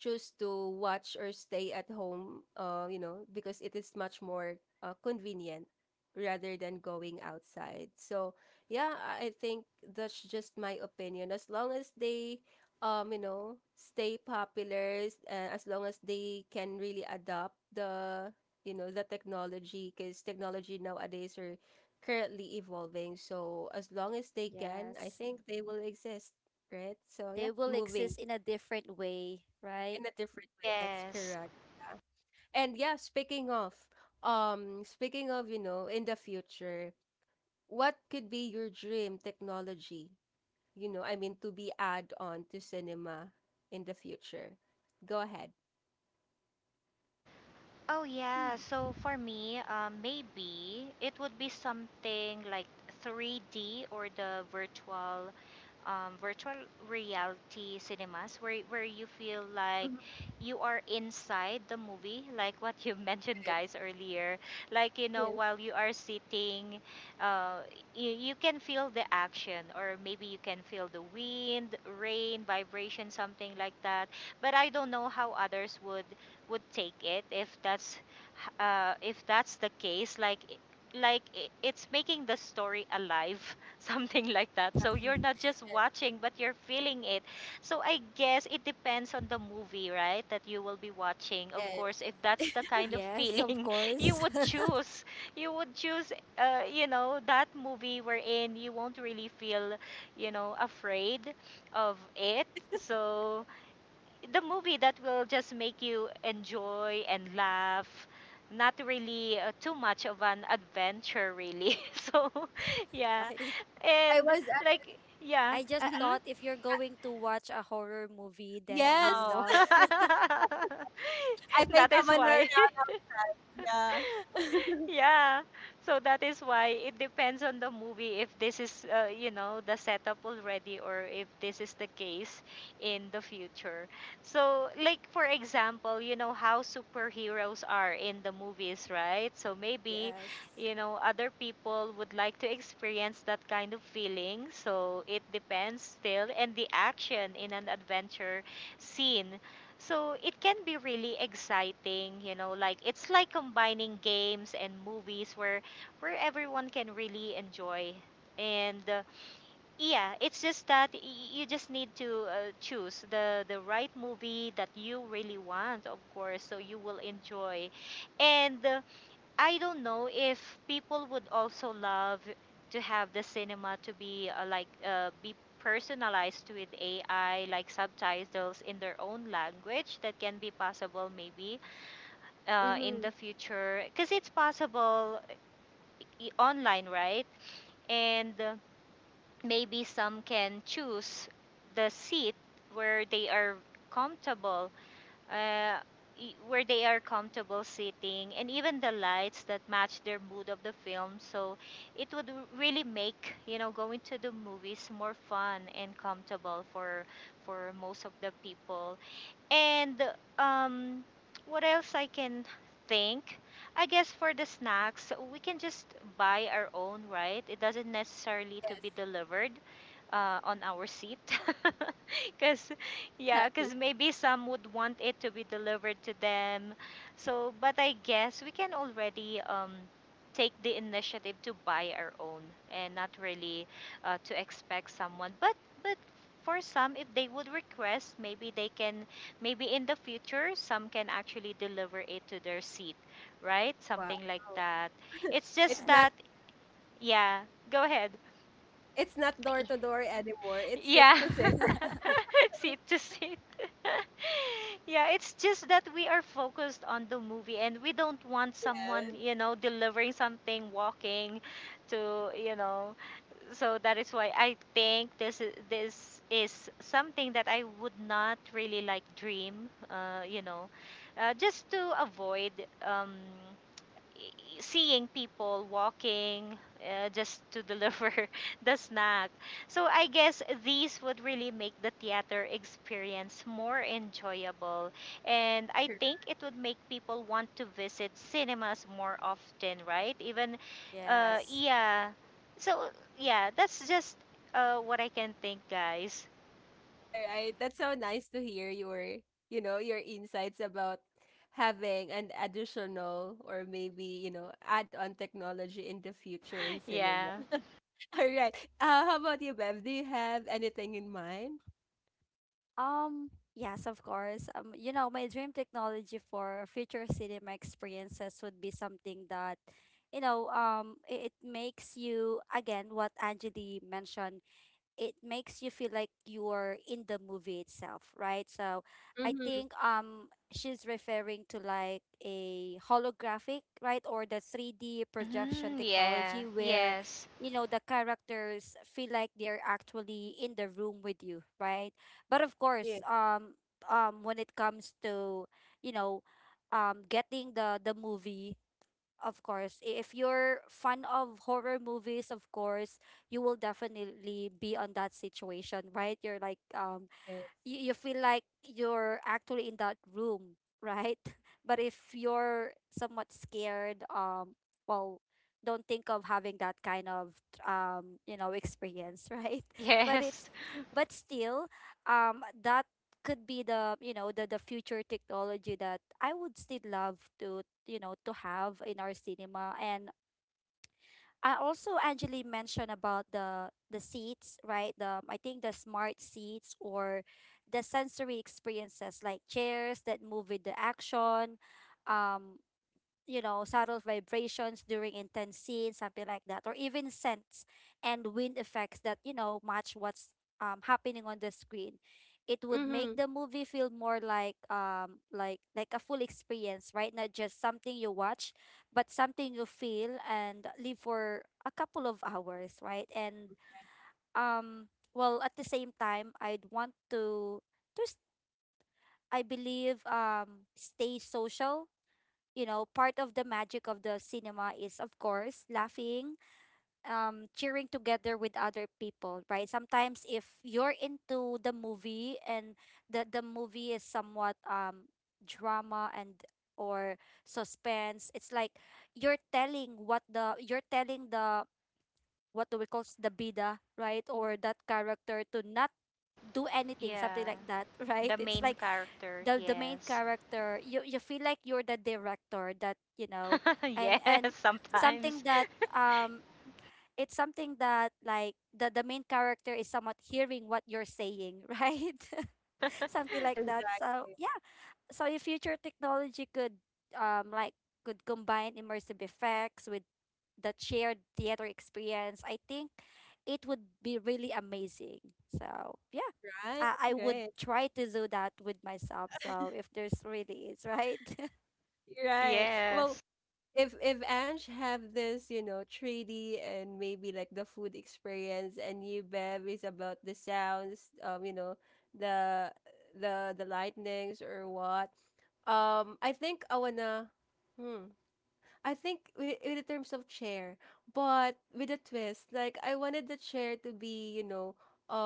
Speaker 1: choose to watch or stay at home, you know, because it is much more convenient rather than going outside. So, yeah, I think that's just my opinion. As long as they, you know, stay popular, as long as they can really adopt the, you know, the technology, because technology nowadays are currently evolving. So, as long as they can, I
Speaker 3: Yes.
Speaker 1: think they will exist, right? So,
Speaker 3: They
Speaker 1: yeah,
Speaker 3: will
Speaker 1: moving
Speaker 3: exist in a different way, right?
Speaker 1: in a different way. That's
Speaker 2: Yes.
Speaker 1: correct. Yeah. And yeah, speaking of, you know, in the future, what could be your dream technology? You know, I mean, to be add on to cinema in the future. Go ahead.
Speaker 2: Oh yeah,
Speaker 3: Hmm.
Speaker 2: so for me, maybe it would be something like 3D or the virtual reality cinemas where you feel like
Speaker 1: Mhm.
Speaker 2: you are inside the movie like what you mentioned
Speaker 1: Right.
Speaker 2: guys earlier like you know
Speaker 1: Yes.
Speaker 2: while you are sitting uh, you can feel the action or maybe you can feel the wind rain vibration something like that, but I don't know how others would take it if that's the case, like it's making the story alive something like that, so you're not just watching but you're feeling it. So I guess it depends on the movie, right, that you will be watching,
Speaker 1: Yes.
Speaker 2: of
Speaker 1: Yes.
Speaker 2: course, if that's the kind of
Speaker 3: Yes, of
Speaker 2: feeling you
Speaker 3: course.
Speaker 2: would choose you would choose you know that movie wherein you won't really feel you know afraid of it. So the movie that will just make you enjoy and laugh, not really too much of an adventure really. So yeah.
Speaker 3: Right?
Speaker 1: I
Speaker 2: And
Speaker 1: was.
Speaker 2: like yeah,
Speaker 3: I just
Speaker 1: Uh, uh,
Speaker 2: hmm.
Speaker 3: thought if you're going to watch a horror movie,
Speaker 2: Oh
Speaker 3: then you
Speaker 1: yes.
Speaker 2: no.
Speaker 3: love to.
Speaker 1: I think
Speaker 2: That
Speaker 1: I'm
Speaker 2: is
Speaker 1: on a.
Speaker 2: why.
Speaker 1: Yeah.
Speaker 2: Yeah. So that is why it depends on the movie if this is, you know, the setup already or if this is the case in the future. So, like, for example, you know how superheroes are in the movies, right? So maybe,
Speaker 3: Yes.
Speaker 2: you know, other people would like to experience that kind of feeling. So it depends still. And the action in an adventure scene, so it can be really exciting, you know, like it's like combining games and movies where everyone can really enjoy. And yeah, it's just that you just need to choose the right movie that you really want, of course, so you will enjoy. And I don't know if people would also love to have the cinema to be be personalized with AI, like subtitles in their own language. That can be possible maybe in
Speaker 1: Mm-hmm.
Speaker 2: the future because it's possible online, right? And maybe some can choose the seat where they are comfortable uh, where they are comfortable sitting, and even the lights that match their mood of the film. So it would really make, you know, going to the movies more fun and comfortable for most of the people. And um, what else I can think? I guess for the snacks, we can just buy our own, right? It doesn't necessarily to
Speaker 1: Yes,
Speaker 2: be delivered on our seat. Because, yeah, because
Speaker 1: exactly.
Speaker 2: maybe some would want it to be delivered to them. So, but I guess we can already take the initiative to buy our own and not really to expect someone. But, but for some, if they would request, maybe they can. Maybe in the future, some can actually deliver it to their seat, right?
Speaker 1: Wow.
Speaker 2: Something like that. It's
Speaker 1: It's
Speaker 2: just
Speaker 1: not
Speaker 2: that,
Speaker 3: Yes.
Speaker 2: yeah, go ahead.
Speaker 1: it's not door to door anymore. It's sit
Speaker 2: Yeah,
Speaker 1: to sit.
Speaker 2: seat to seat. Yeah, it's just that we are focused on the movie and we don't want someone,
Speaker 1: Yes.
Speaker 2: you know, delivering something, walking to, you know, so that is why I think this is something that I would not really like dream, you know, just to avoid um, seeing people walking just to deliver the snack. So I guess these would really make the theater experience more enjoyable. And I
Speaker 1: Correct.
Speaker 2: think it would make people want to visit cinemas more often, right? Even,
Speaker 3: Yes.
Speaker 2: yeah. So, yeah, that's just what I can think, guys.
Speaker 1: All right. That's so nice to hear your, you know, your insights about having an additional or maybe, you know, add-on technology in the future in cinema.
Speaker 2: Yeah.
Speaker 1: All right. How about you, Bev? Do you have anything in mind?
Speaker 3: Yes, of course. You know, my dream technology for future cinema experiences would be something that, you know, it makes you, again, what Anjali mentioned, it makes you feel like you're in the movie itself, right? So I
Speaker 1: Mm-hmm.
Speaker 3: think she's referring to like a holographic, right? Or the 3D projection
Speaker 2: Mm, yeah.
Speaker 3: technology where,
Speaker 2: Yes.
Speaker 3: you know, the characters feel like they're actually in the room with you, right? But of course,
Speaker 1: Yeah.
Speaker 3: when it comes to, you know, getting the movie, of course, I- if you're fan of horror movies, of course, you will definitely be on that situation, right? You're like
Speaker 1: Right.
Speaker 3: you feel like you're actually in that room, right? But if you're somewhat scared, well, don't think of having that kind of you know, experience, right? But it's
Speaker 2: Yes.
Speaker 3: but still, that could be the, you know, the future technology that I would still love to, you know, to have in our cinema. And I also Angeli mentioned about the seats, right? The, I think the smart seats or the sensory experiences like chairs that move with the action, um, you know, subtle vibrations during intense scenes, something like that, or even scents and wind effects that, you know, match what's happening on the screen. It would make
Speaker 1: Mm-hmm.
Speaker 3: the movie feel more like like a full experience, right? Not just something you watch, but something you feel and live for a couple of hours, right? And um at the same time, I'd want to s- I believe stay social. You know, part of the magic of the cinema is, of course, laughing, cheering together with other people, right? Sometimes, if you're into the movie and the movie is somewhat drama and or suspense, it's like you're telling the, what do we call s- the bida, right? Or that character to not do anything,
Speaker 2: Yeah.
Speaker 3: something like that, right?
Speaker 2: The
Speaker 3: It's
Speaker 2: main
Speaker 3: like
Speaker 2: character,
Speaker 3: the main
Speaker 2: yes.
Speaker 3: character, you feel like you're the director, that you know. and
Speaker 2: Yes,
Speaker 3: and something
Speaker 2: sometimes.
Speaker 3: that, um it's something that, like, the main character is somewhat hearing what you're saying, right? Something like that. So
Speaker 1: Exactly.
Speaker 3: yeah, so if future technology could um like could combine immersive effects with that shared theater experience, I think it would be really amazing. So yeah.
Speaker 1: Right.
Speaker 3: I would
Speaker 1: Right.
Speaker 3: try to do that with myself. So if there's really is, right?
Speaker 1: Right. Well,
Speaker 2: Yes.
Speaker 1: if Ange have this, you know, 3D and maybe like the food experience, and you Bev is about the sounds, you know, the the lightnings or what. I think I wanna. Hmm. I think with, in terms of chair, but with a twist, like I wanted the chair to be, you know,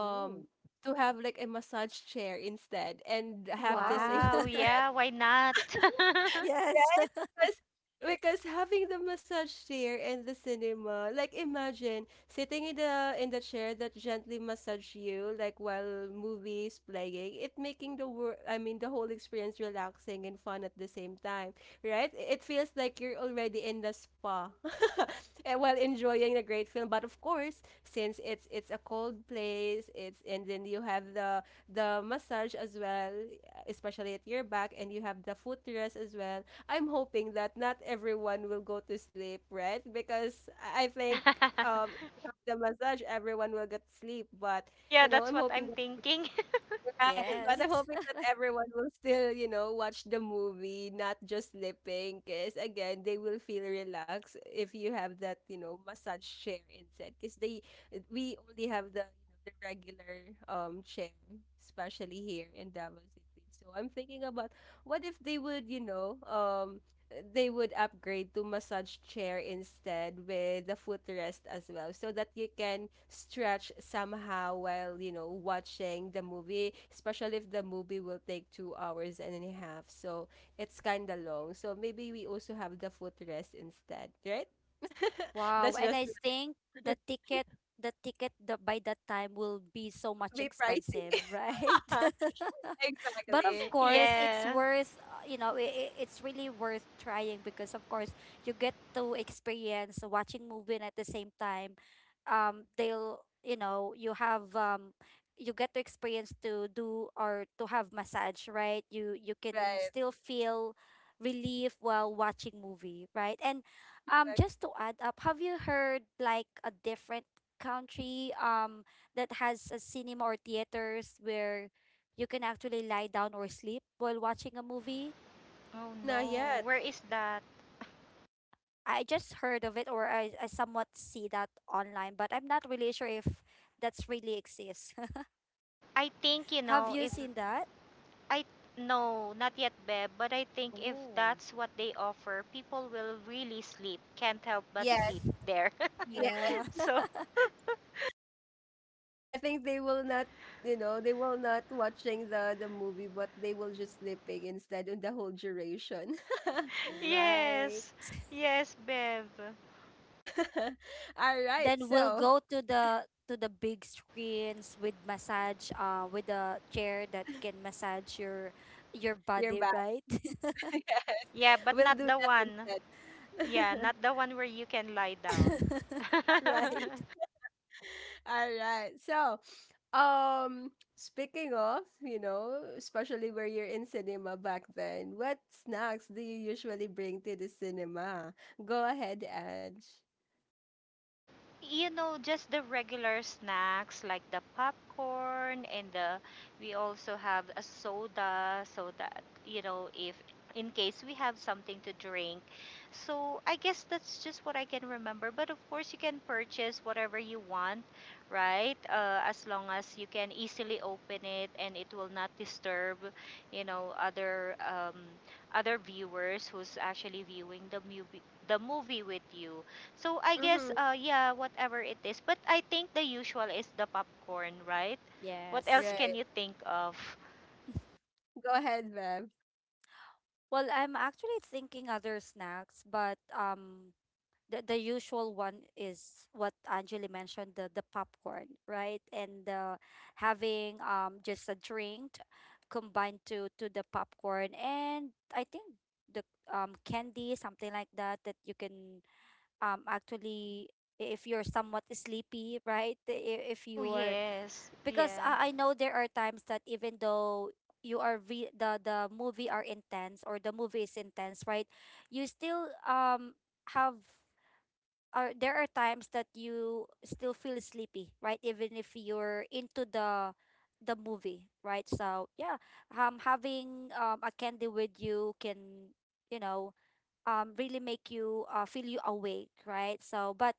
Speaker 3: Ooh.
Speaker 1: to have like a massage chair instead, and have this
Speaker 3: Wow.
Speaker 1: a
Speaker 2: Wow,
Speaker 1: footrest.
Speaker 2: yeah, why not?
Speaker 3: Yes.
Speaker 1: Right? Because having the massage chair in the cinema, like imagine sitting in the chair that gently massage you, like while movies playing, it making the wor- I mean the whole experience relaxing and fun at the same time, right? It feels like you're already in the spa, and while enjoying the great film. But of course, since it's a cold place, it's and then you have the massage as well, especially at your back, and you have the footrest as well. I'm hoping that not everyone will go to sleep, right? Because I think if you have the massage, everyone will get sleep. But
Speaker 2: Yeah,
Speaker 1: you know,
Speaker 2: that's
Speaker 1: I'm
Speaker 2: what
Speaker 1: hoping
Speaker 2: I'm
Speaker 1: that
Speaker 2: thinking.
Speaker 1: right, but
Speaker 3: Yes.
Speaker 1: I'm hoping that everyone will still, you know, watch the movie, not just sleeping. Because again, they will feel relaxed if you have that, you know, massage chair instead. Because they we only have the regular chair, especially here in Davao City. So I'm thinking about what if they would, you know, they would upgrade to massage chair instead with the footrest as well so that you can stretch somehow while you know watching the movie especially if the movie will take 2 hours and a half so it's kind of long so maybe we also have the footrest instead right.
Speaker 3: Wow,
Speaker 1: That's
Speaker 3: and
Speaker 1: just
Speaker 3: I think the ticket, by that time will be so much
Speaker 1: be pricey
Speaker 3: expensive, right? But of
Speaker 1: exactly it's
Speaker 3: course, it's
Speaker 2: Yeah.
Speaker 3: worth, you know, I- it's really worth trying because of course you get to experience watching movie. And at the same time, they'll, you know, you have you get to experience to do or to have massage, right? You can
Speaker 1: right.
Speaker 3: still feel relief while watching movie, right? And
Speaker 1: Like,
Speaker 3: just to add up, have you heard like a different country that has a cinema or theaters where you can actually lie down or sleep while watching a movie?
Speaker 2: Oh
Speaker 1: oh not
Speaker 2: no,
Speaker 1: yet
Speaker 2: where is that?
Speaker 3: I just heard of it, or I somewhat see that online, but I'm not really sure if that's really exists.
Speaker 2: I think, you
Speaker 3: Have
Speaker 2: know,
Speaker 3: you
Speaker 2: if
Speaker 3: seen that?
Speaker 2: I no, not yet, Beb, but I think if
Speaker 3: Oh.
Speaker 2: that's what they offer, people will really sleep. Can't help but
Speaker 1: yes.
Speaker 2: sleep there.
Speaker 3: Yeah.
Speaker 2: So,
Speaker 1: I think they will not, you know, they will not watching the movie, but they will just sleeping instead on the whole duration.
Speaker 3: Right.
Speaker 2: yes. Yes, Bev.
Speaker 1: All right,
Speaker 3: Then we'll
Speaker 1: so
Speaker 3: go to the big screens with massage, with a chair that can massage your
Speaker 1: you're
Speaker 3: body,
Speaker 1: back.
Speaker 3: right?
Speaker 1: Yes,
Speaker 2: Yeah, but
Speaker 1: we'll
Speaker 2: not
Speaker 1: do
Speaker 2: the
Speaker 1: that
Speaker 2: one. Yeah,
Speaker 1: instead.
Speaker 2: not the one where you can lie down.
Speaker 3: Right.
Speaker 1: All right, so speaking of, you know, especially where you're in cinema back then, what snacks do you usually bring to the cinema? Go ahead, Ange.
Speaker 2: You know, just the regular snacks like the popcorn and the we also have a soda so that you know if in case we have something to drink. So I guess that's just what I can remember, but of course you can purchase whatever you want, right? As long as you can easily open it and it will not disturb, you know, other other viewers who's actually viewing the movie with you. So I guess
Speaker 1: Mm-hmm.
Speaker 2: yeah, whatever it is. But I think the usual is the popcorn, right? What
Speaker 3: Yes.
Speaker 2: else can
Speaker 1: Right.
Speaker 2: you think of?
Speaker 1: Go ahead, Bev.
Speaker 3: Well, I'm actually thinking other snacks, but the usual one is what Angeli mentioned, the popcorn, right? And having just a drink combined to the popcorn. And I think the candy, something like that, that you can actually I- if you're somewhat sleepy, right? I- If
Speaker 2: Oh
Speaker 3: you're
Speaker 2: yes.
Speaker 3: Because
Speaker 2: Yeah.
Speaker 3: I know there are times that even though you are re- the movie are intense or the movie is intense, right? You still have Are there are times that you still feel sleepy, right? Even if you're into the movie, right? So yeah, having a candy with you can, you know, really make you feel you awake, right? So, but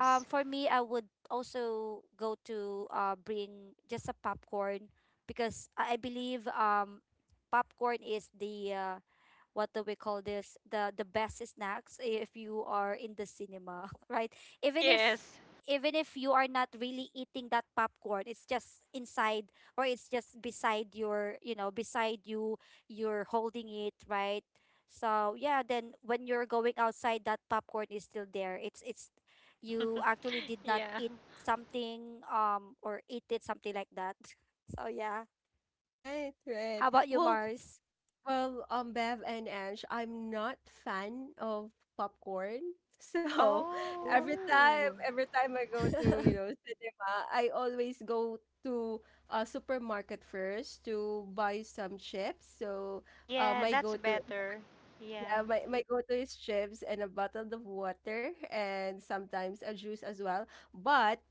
Speaker 3: for me, I would also go to, bring just a popcorn because I believe popcorn is the, what do we call this, the best snacks if you are in the cinema. Right? Even if
Speaker 2: Yes.
Speaker 3: you are not really eating that popcorn, it's just inside, or it's just beside your, you know, beside you, you're holding it, right? So yeah, then when you're going outside, that popcorn is still there. It's you actually did not
Speaker 2: Yeah.
Speaker 3: eat something, or eat it, something like that. So yeah,
Speaker 1: Right, right.
Speaker 3: how about you,
Speaker 1: Well,
Speaker 3: Mars?
Speaker 1: well, Bev and Ange, I'm not fan of popcorn. So
Speaker 2: Oh.
Speaker 3: Oh.
Speaker 1: every time I go to, you know, cinema, I always go to a supermarket first to buy some chips. So, uh,
Speaker 2: Yeah,
Speaker 1: my
Speaker 2: that's
Speaker 1: go-to, is-
Speaker 2: better. Yeah.
Speaker 1: yeah, my go-to is chips and a bottle of water and sometimes a juice as well. But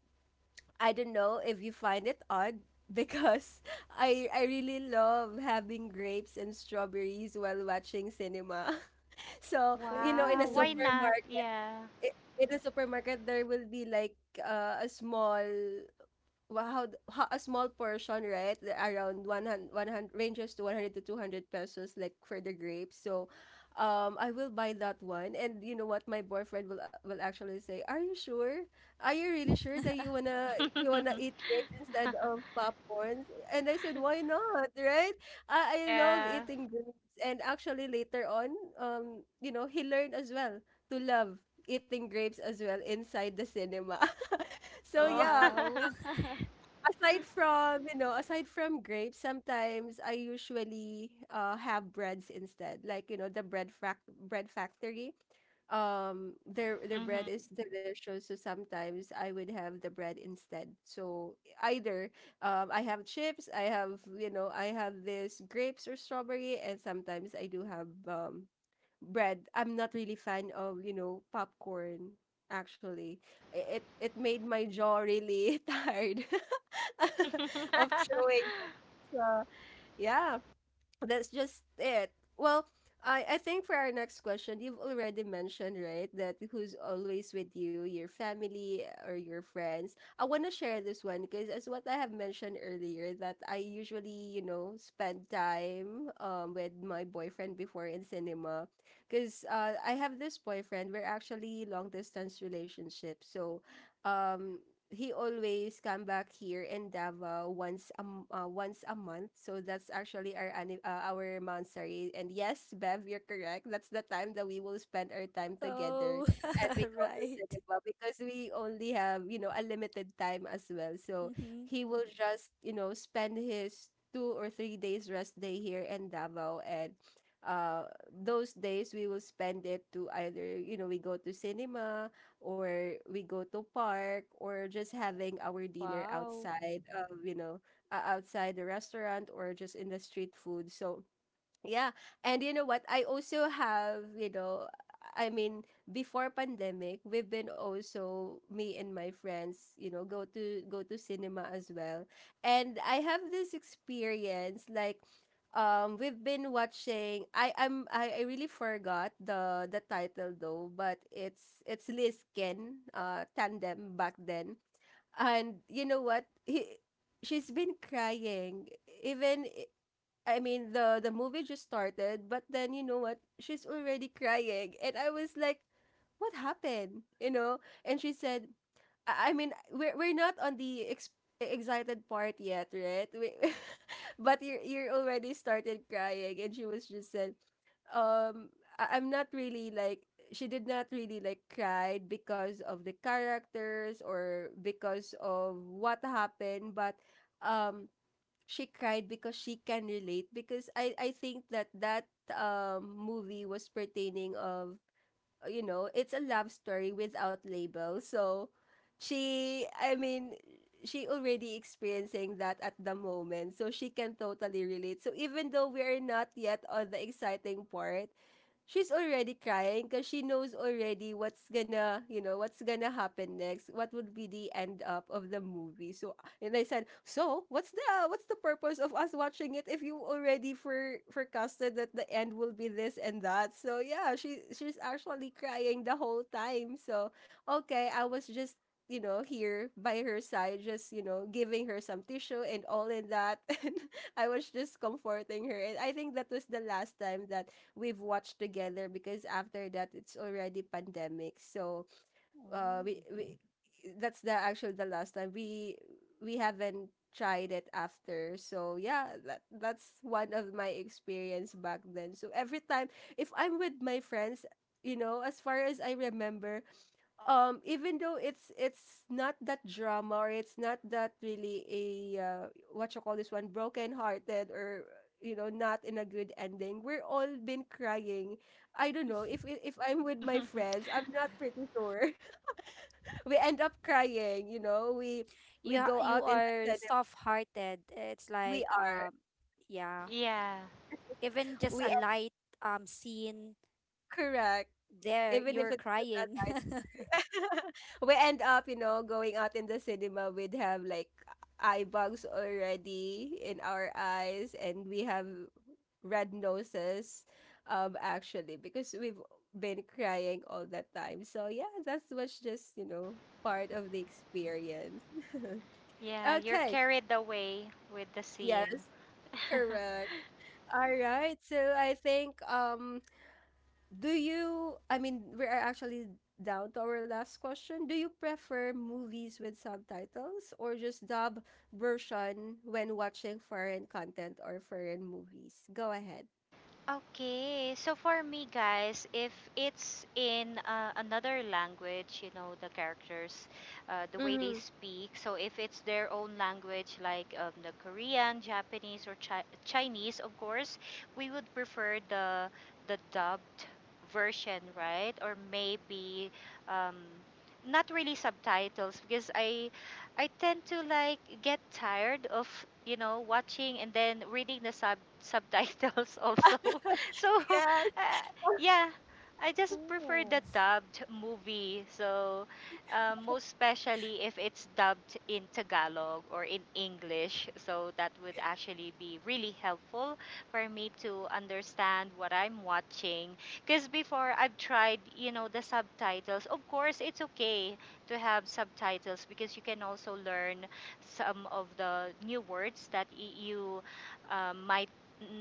Speaker 1: I don't know if you find it odd because I really love having grapes and strawberries while watching cinema. So, you know,
Speaker 2: Wow, why
Speaker 3: Oh,
Speaker 2: not? Yeah.
Speaker 1: in a supermarket there will be like a small wha- how, th- how a small portion right around 100, ranges to 100 to 200 pesos like for the grapes so I will buy that one. And you know what my boyfriend will actually say, are you sure, are you really sure that you wanna eat grapes instead of popcorns? And I said why not? Right, I love
Speaker 2: Yeah.
Speaker 1: eating grapes. And actually later on you know he learned as well to love eating grapes as well inside the cinema. So
Speaker 2: Oh.
Speaker 1: yeah,
Speaker 3: wow.
Speaker 1: aside from you know aside from grapes sometimes I usually have breads instead, like you know the bread bread factory, their
Speaker 2: Hmm.
Speaker 1: bread is delicious, so sometimes I would have the bread instead. So either I have chips, I have you know I have this grapes or strawberry, and sometimes I do have bread. I'm not really fan of, you know, popcorn actually. It made my jaw really tired of chewing. So, yeah. That's just it. Well, I think for our next question, you've already mentioned, right, that who's always with you, your family or your friends. I want to share this one because as what I have mentioned earlier that I usually, you know, spend time with my boyfriend before in cinema because I have this boyfriend, we're actually long distance relationship. So, um he always come back here in Davao once a month. So that's actually our monastery. And yes, Bev, you're correct. That's the time that we will spend our time together,
Speaker 3: So,
Speaker 1: and we go to
Speaker 3: right.
Speaker 1: cinema because we only have you know a limited time as well. So
Speaker 3: Mm-hmm.
Speaker 1: he will just you know spend his 2 or 3 days rest day here in Davao and. Uh, those days we will spend it to either we go to cinema or we go to park or just having our dinner
Speaker 3: Wow.
Speaker 1: outside of outside the restaurant or just in the street food so yeah. And you know what? I also have, I mean, before pandemic, we've been also me and my friends, go to cinema as well. And I have this experience like we've been watching I really forgot the title though, but it's Lisken tandem back then. And you know what? He she's been crying even. The movie just started, but then you know what? She's already crying, and I was like, "What happened?" You know? And she said, " we're not on the excited part yet, right? But you're already started crying." And she was just said, "Um, I'm not really like." She did not really like cried because of the characters or because of what happened, but um she cried because she can relate because I think that that movie was pertaining of it's a love story without label so she I mean she already experiencing that at the moment so she can totally relate so even though we are not yet on the exciting part she's already crying because she knows already what's gonna happen next, what would be the end up of the movie so. And I said, "So, what's the purpose of us watching it if you already forecasted that the end will be this and that?" So yeah, she's actually crying the whole time. So, okay, I was just, you know, here by her side, just, you know, giving her some tissue and all in that. And I was just comforting her. And I think that was the last time that we've watched together because after that, it's already pandemic. So
Speaker 3: Oh.
Speaker 1: we that's the actual the last time we haven't tried it after. So yeah, that's one of my experience back then. So every time if I'm with my friends, you know, as far as I remember, even though it's not that drama or it's not that really a what you call this one, broken hearted, or you know not in a good ending, we're all been crying. I don't know if I'm with my friends, I'm not pretty sure we end up crying. You know, we
Speaker 3: You ha-
Speaker 1: go
Speaker 3: you
Speaker 1: out in the
Speaker 3: are
Speaker 1: cinema.
Speaker 3: soft-hearted. It's
Speaker 1: we
Speaker 3: like
Speaker 1: are
Speaker 3: yeah,
Speaker 2: Yeah.
Speaker 3: even just
Speaker 1: we
Speaker 3: a
Speaker 1: are
Speaker 3: light scene
Speaker 1: Correct.
Speaker 3: there,
Speaker 1: Even if
Speaker 3: you're
Speaker 1: it's just at
Speaker 3: crying.
Speaker 1: night. We end up, you know, going out in the cinema, we'd have like eye bags already in our eyes, and we have red noses. Actually because we've been crying all that time. So yeah, that's was just, you know, part of the experience.
Speaker 2: Yeah, you're
Speaker 1: Okay.
Speaker 2: carried away with the scene.
Speaker 1: Yes. Correct. All right. So I think do you I mean we are actually down to our last question. Do you prefer movies with subtitles or just dub version when watching foreign content or foreign movies? Go ahead.
Speaker 2: Okay, so for me, guys, if it's in another language, you know, the characters, the way they
Speaker 1: Mm-hmm.
Speaker 2: speak, so if it's their own language, like the Korean, Japanese, or Chinese, of course, we would prefer the dubbed version, right? Or maybe um, not really subtitles, because I tend to like get tired of you know watching and then reading the subtitles also. So,
Speaker 1: Yes.
Speaker 2: yeah, I just prefer the
Speaker 3: Oh.
Speaker 2: dubbed movie. So, most especially if it's dubbed in Tagalog or in English. So, that would actually be really helpful for me to understand what I'm watching. Because before I've tried, you know, the subtitles. Of course, it's okay to have subtitles because you can also learn some of the new words that you might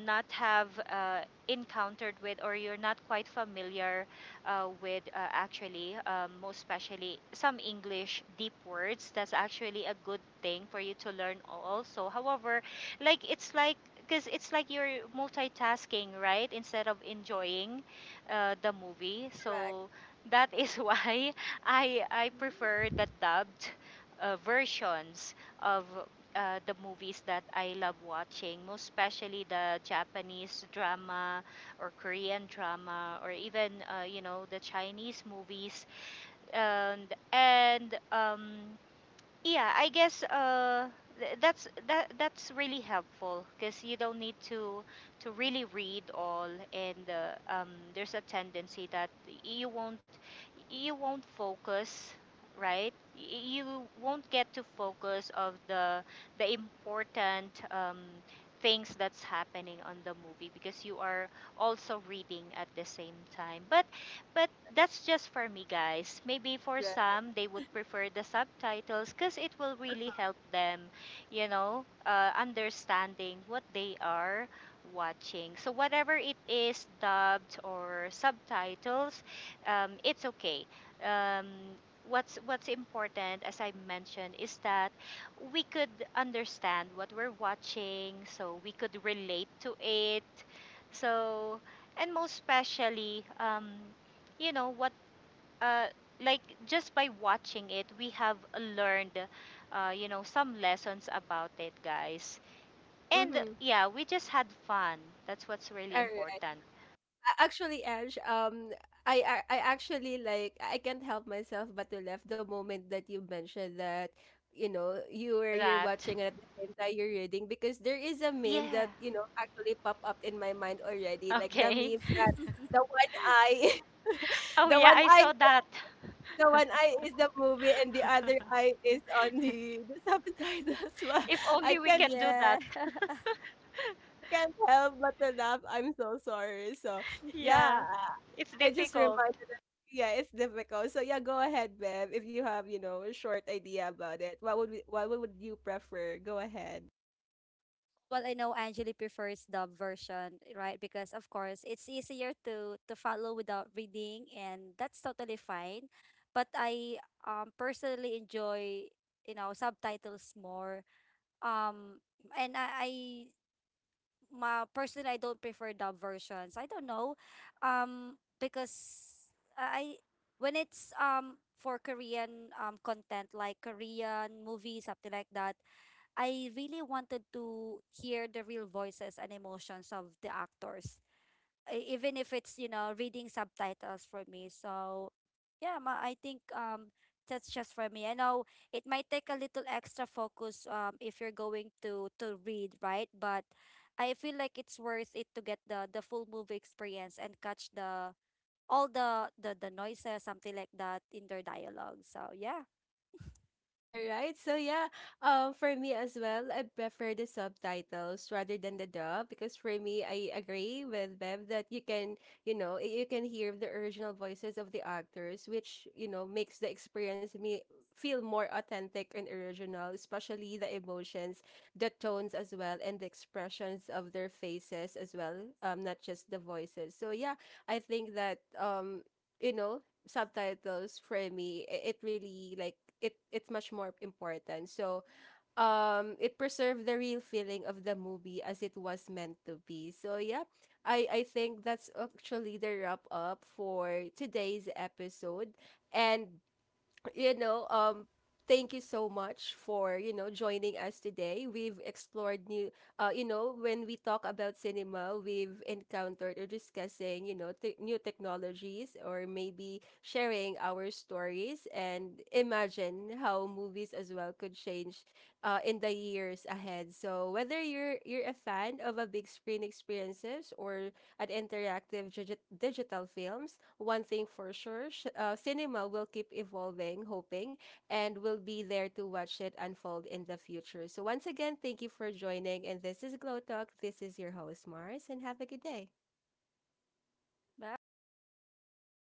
Speaker 2: not have encountered with, or you're not quite familiar with actually most especially some english deep words. That's actually a good thing for you to learn also. However, it's like because it's like you're multitasking, right, instead of enjoying the movie.
Speaker 1: Correct.
Speaker 2: So that is why I
Speaker 3: Mm.
Speaker 2: prefer the dubbed versions of the movies that I love watching, most especially the Japanese drama or Korean drama or even you know the Chinese movies, and yeah, I guess that's that's really helpful because you don't need to really read all, and there's a tendency that you won't you won't focus, right? You won't get to focus of the important things that's happening on the movie because you are also reading at the same time. But that's just for me, guys. Maybe for
Speaker 1: Correct.
Speaker 2: some, they would prefer the subtitles because it will really help them, you know, understanding what they are watching. So, whatever it is, dubbed or subtitles, it's okay. Um, what's important, as I mentioned, is that we could understand what we're watching, so we could relate to it. So, and most especially, you know what uh, like just by watching it we have learned you know some lessons about it, guys. And
Speaker 1: Mm-hmm.
Speaker 2: yeah, we just had fun. That's what's really
Speaker 1: All
Speaker 2: important.
Speaker 1: Actually, Ange, I, I actually like I can't help myself but to laugh the moment that you mentioned that, you know, you're
Speaker 2: That
Speaker 1: watching and at the same time you're reading, because there is a meme
Speaker 2: yeah,
Speaker 1: that you know actually pop up in my mind already, like the
Speaker 2: okay.
Speaker 1: meme that the one eye,
Speaker 2: Oh
Speaker 1: the
Speaker 2: yeah,
Speaker 1: one
Speaker 2: I
Speaker 1: eye,
Speaker 2: saw that.
Speaker 1: the one eye is the movie and the other eye is on the subtitles. Well,
Speaker 2: If
Speaker 1: I
Speaker 2: only we
Speaker 1: can't
Speaker 2: can do that.
Speaker 3: Yeah.
Speaker 1: I can't help but to laugh. I'm so sorry. So yeah,
Speaker 2: Yeah, it's
Speaker 1: I just
Speaker 2: difficult.
Speaker 1: remind. Yeah, it's difficult. So yeah, go ahead, Bev. If you have, you know, a short idea about it, what would you prefer? Go ahead.
Speaker 3: Well, I know Angeli prefers dub version, right? Because of course it's easier to follow without reading, and that's totally fine. But I personally enjoy, you know, subtitles more. Um, and I My personally, I don't prefer dub versions. I don't know, because I when it's for Korean content, like Korean movies, something like that. I really wanted to hear the real voices and emotions of the actors, e- even if it's, you know, reading subtitles for me. So, yeah, ma- I think that's just for me. I know it might take a little extra focus if you're going to read, right? But I feel like it's worth it to get the full movie experience and catch the all the the noises, something like that, in their dialogue. So, yeah.
Speaker 1: All right. So yeah, for me as well, I prefer the subtitles rather than the dub because for me, I agree with Bev that you can, you know, you can hear the original voices of the actors, which you know makes the experience me feel more authentic and original, especially the emotions, the tones as well, and the expressions of their faces as well, not just the voices. So yeah, I think that. You know, subtitles for me, it really like it's much more important. So it preserved the real feeling of the movie as it was meant to be. So yeah, I think that's actually the wrap up for today's episode. And you know, thank you so much for you know joining us today. We've explored new, you know, when we talk about cinema, we've encountered or discussing you know new technologies or maybe sharing our stories and imagine how movies as well could change, in the years ahead. So whether you're a fan of a big screen experiences or at interactive digital films, one thing for sure, cinema will keep evolving, hoping, and will be there to watch it unfold in the future. So, once again, thank you for joining. And this is Glow Talk. This is your host, Mars, and have a good day.
Speaker 3: Bye.
Speaker 2: Bye.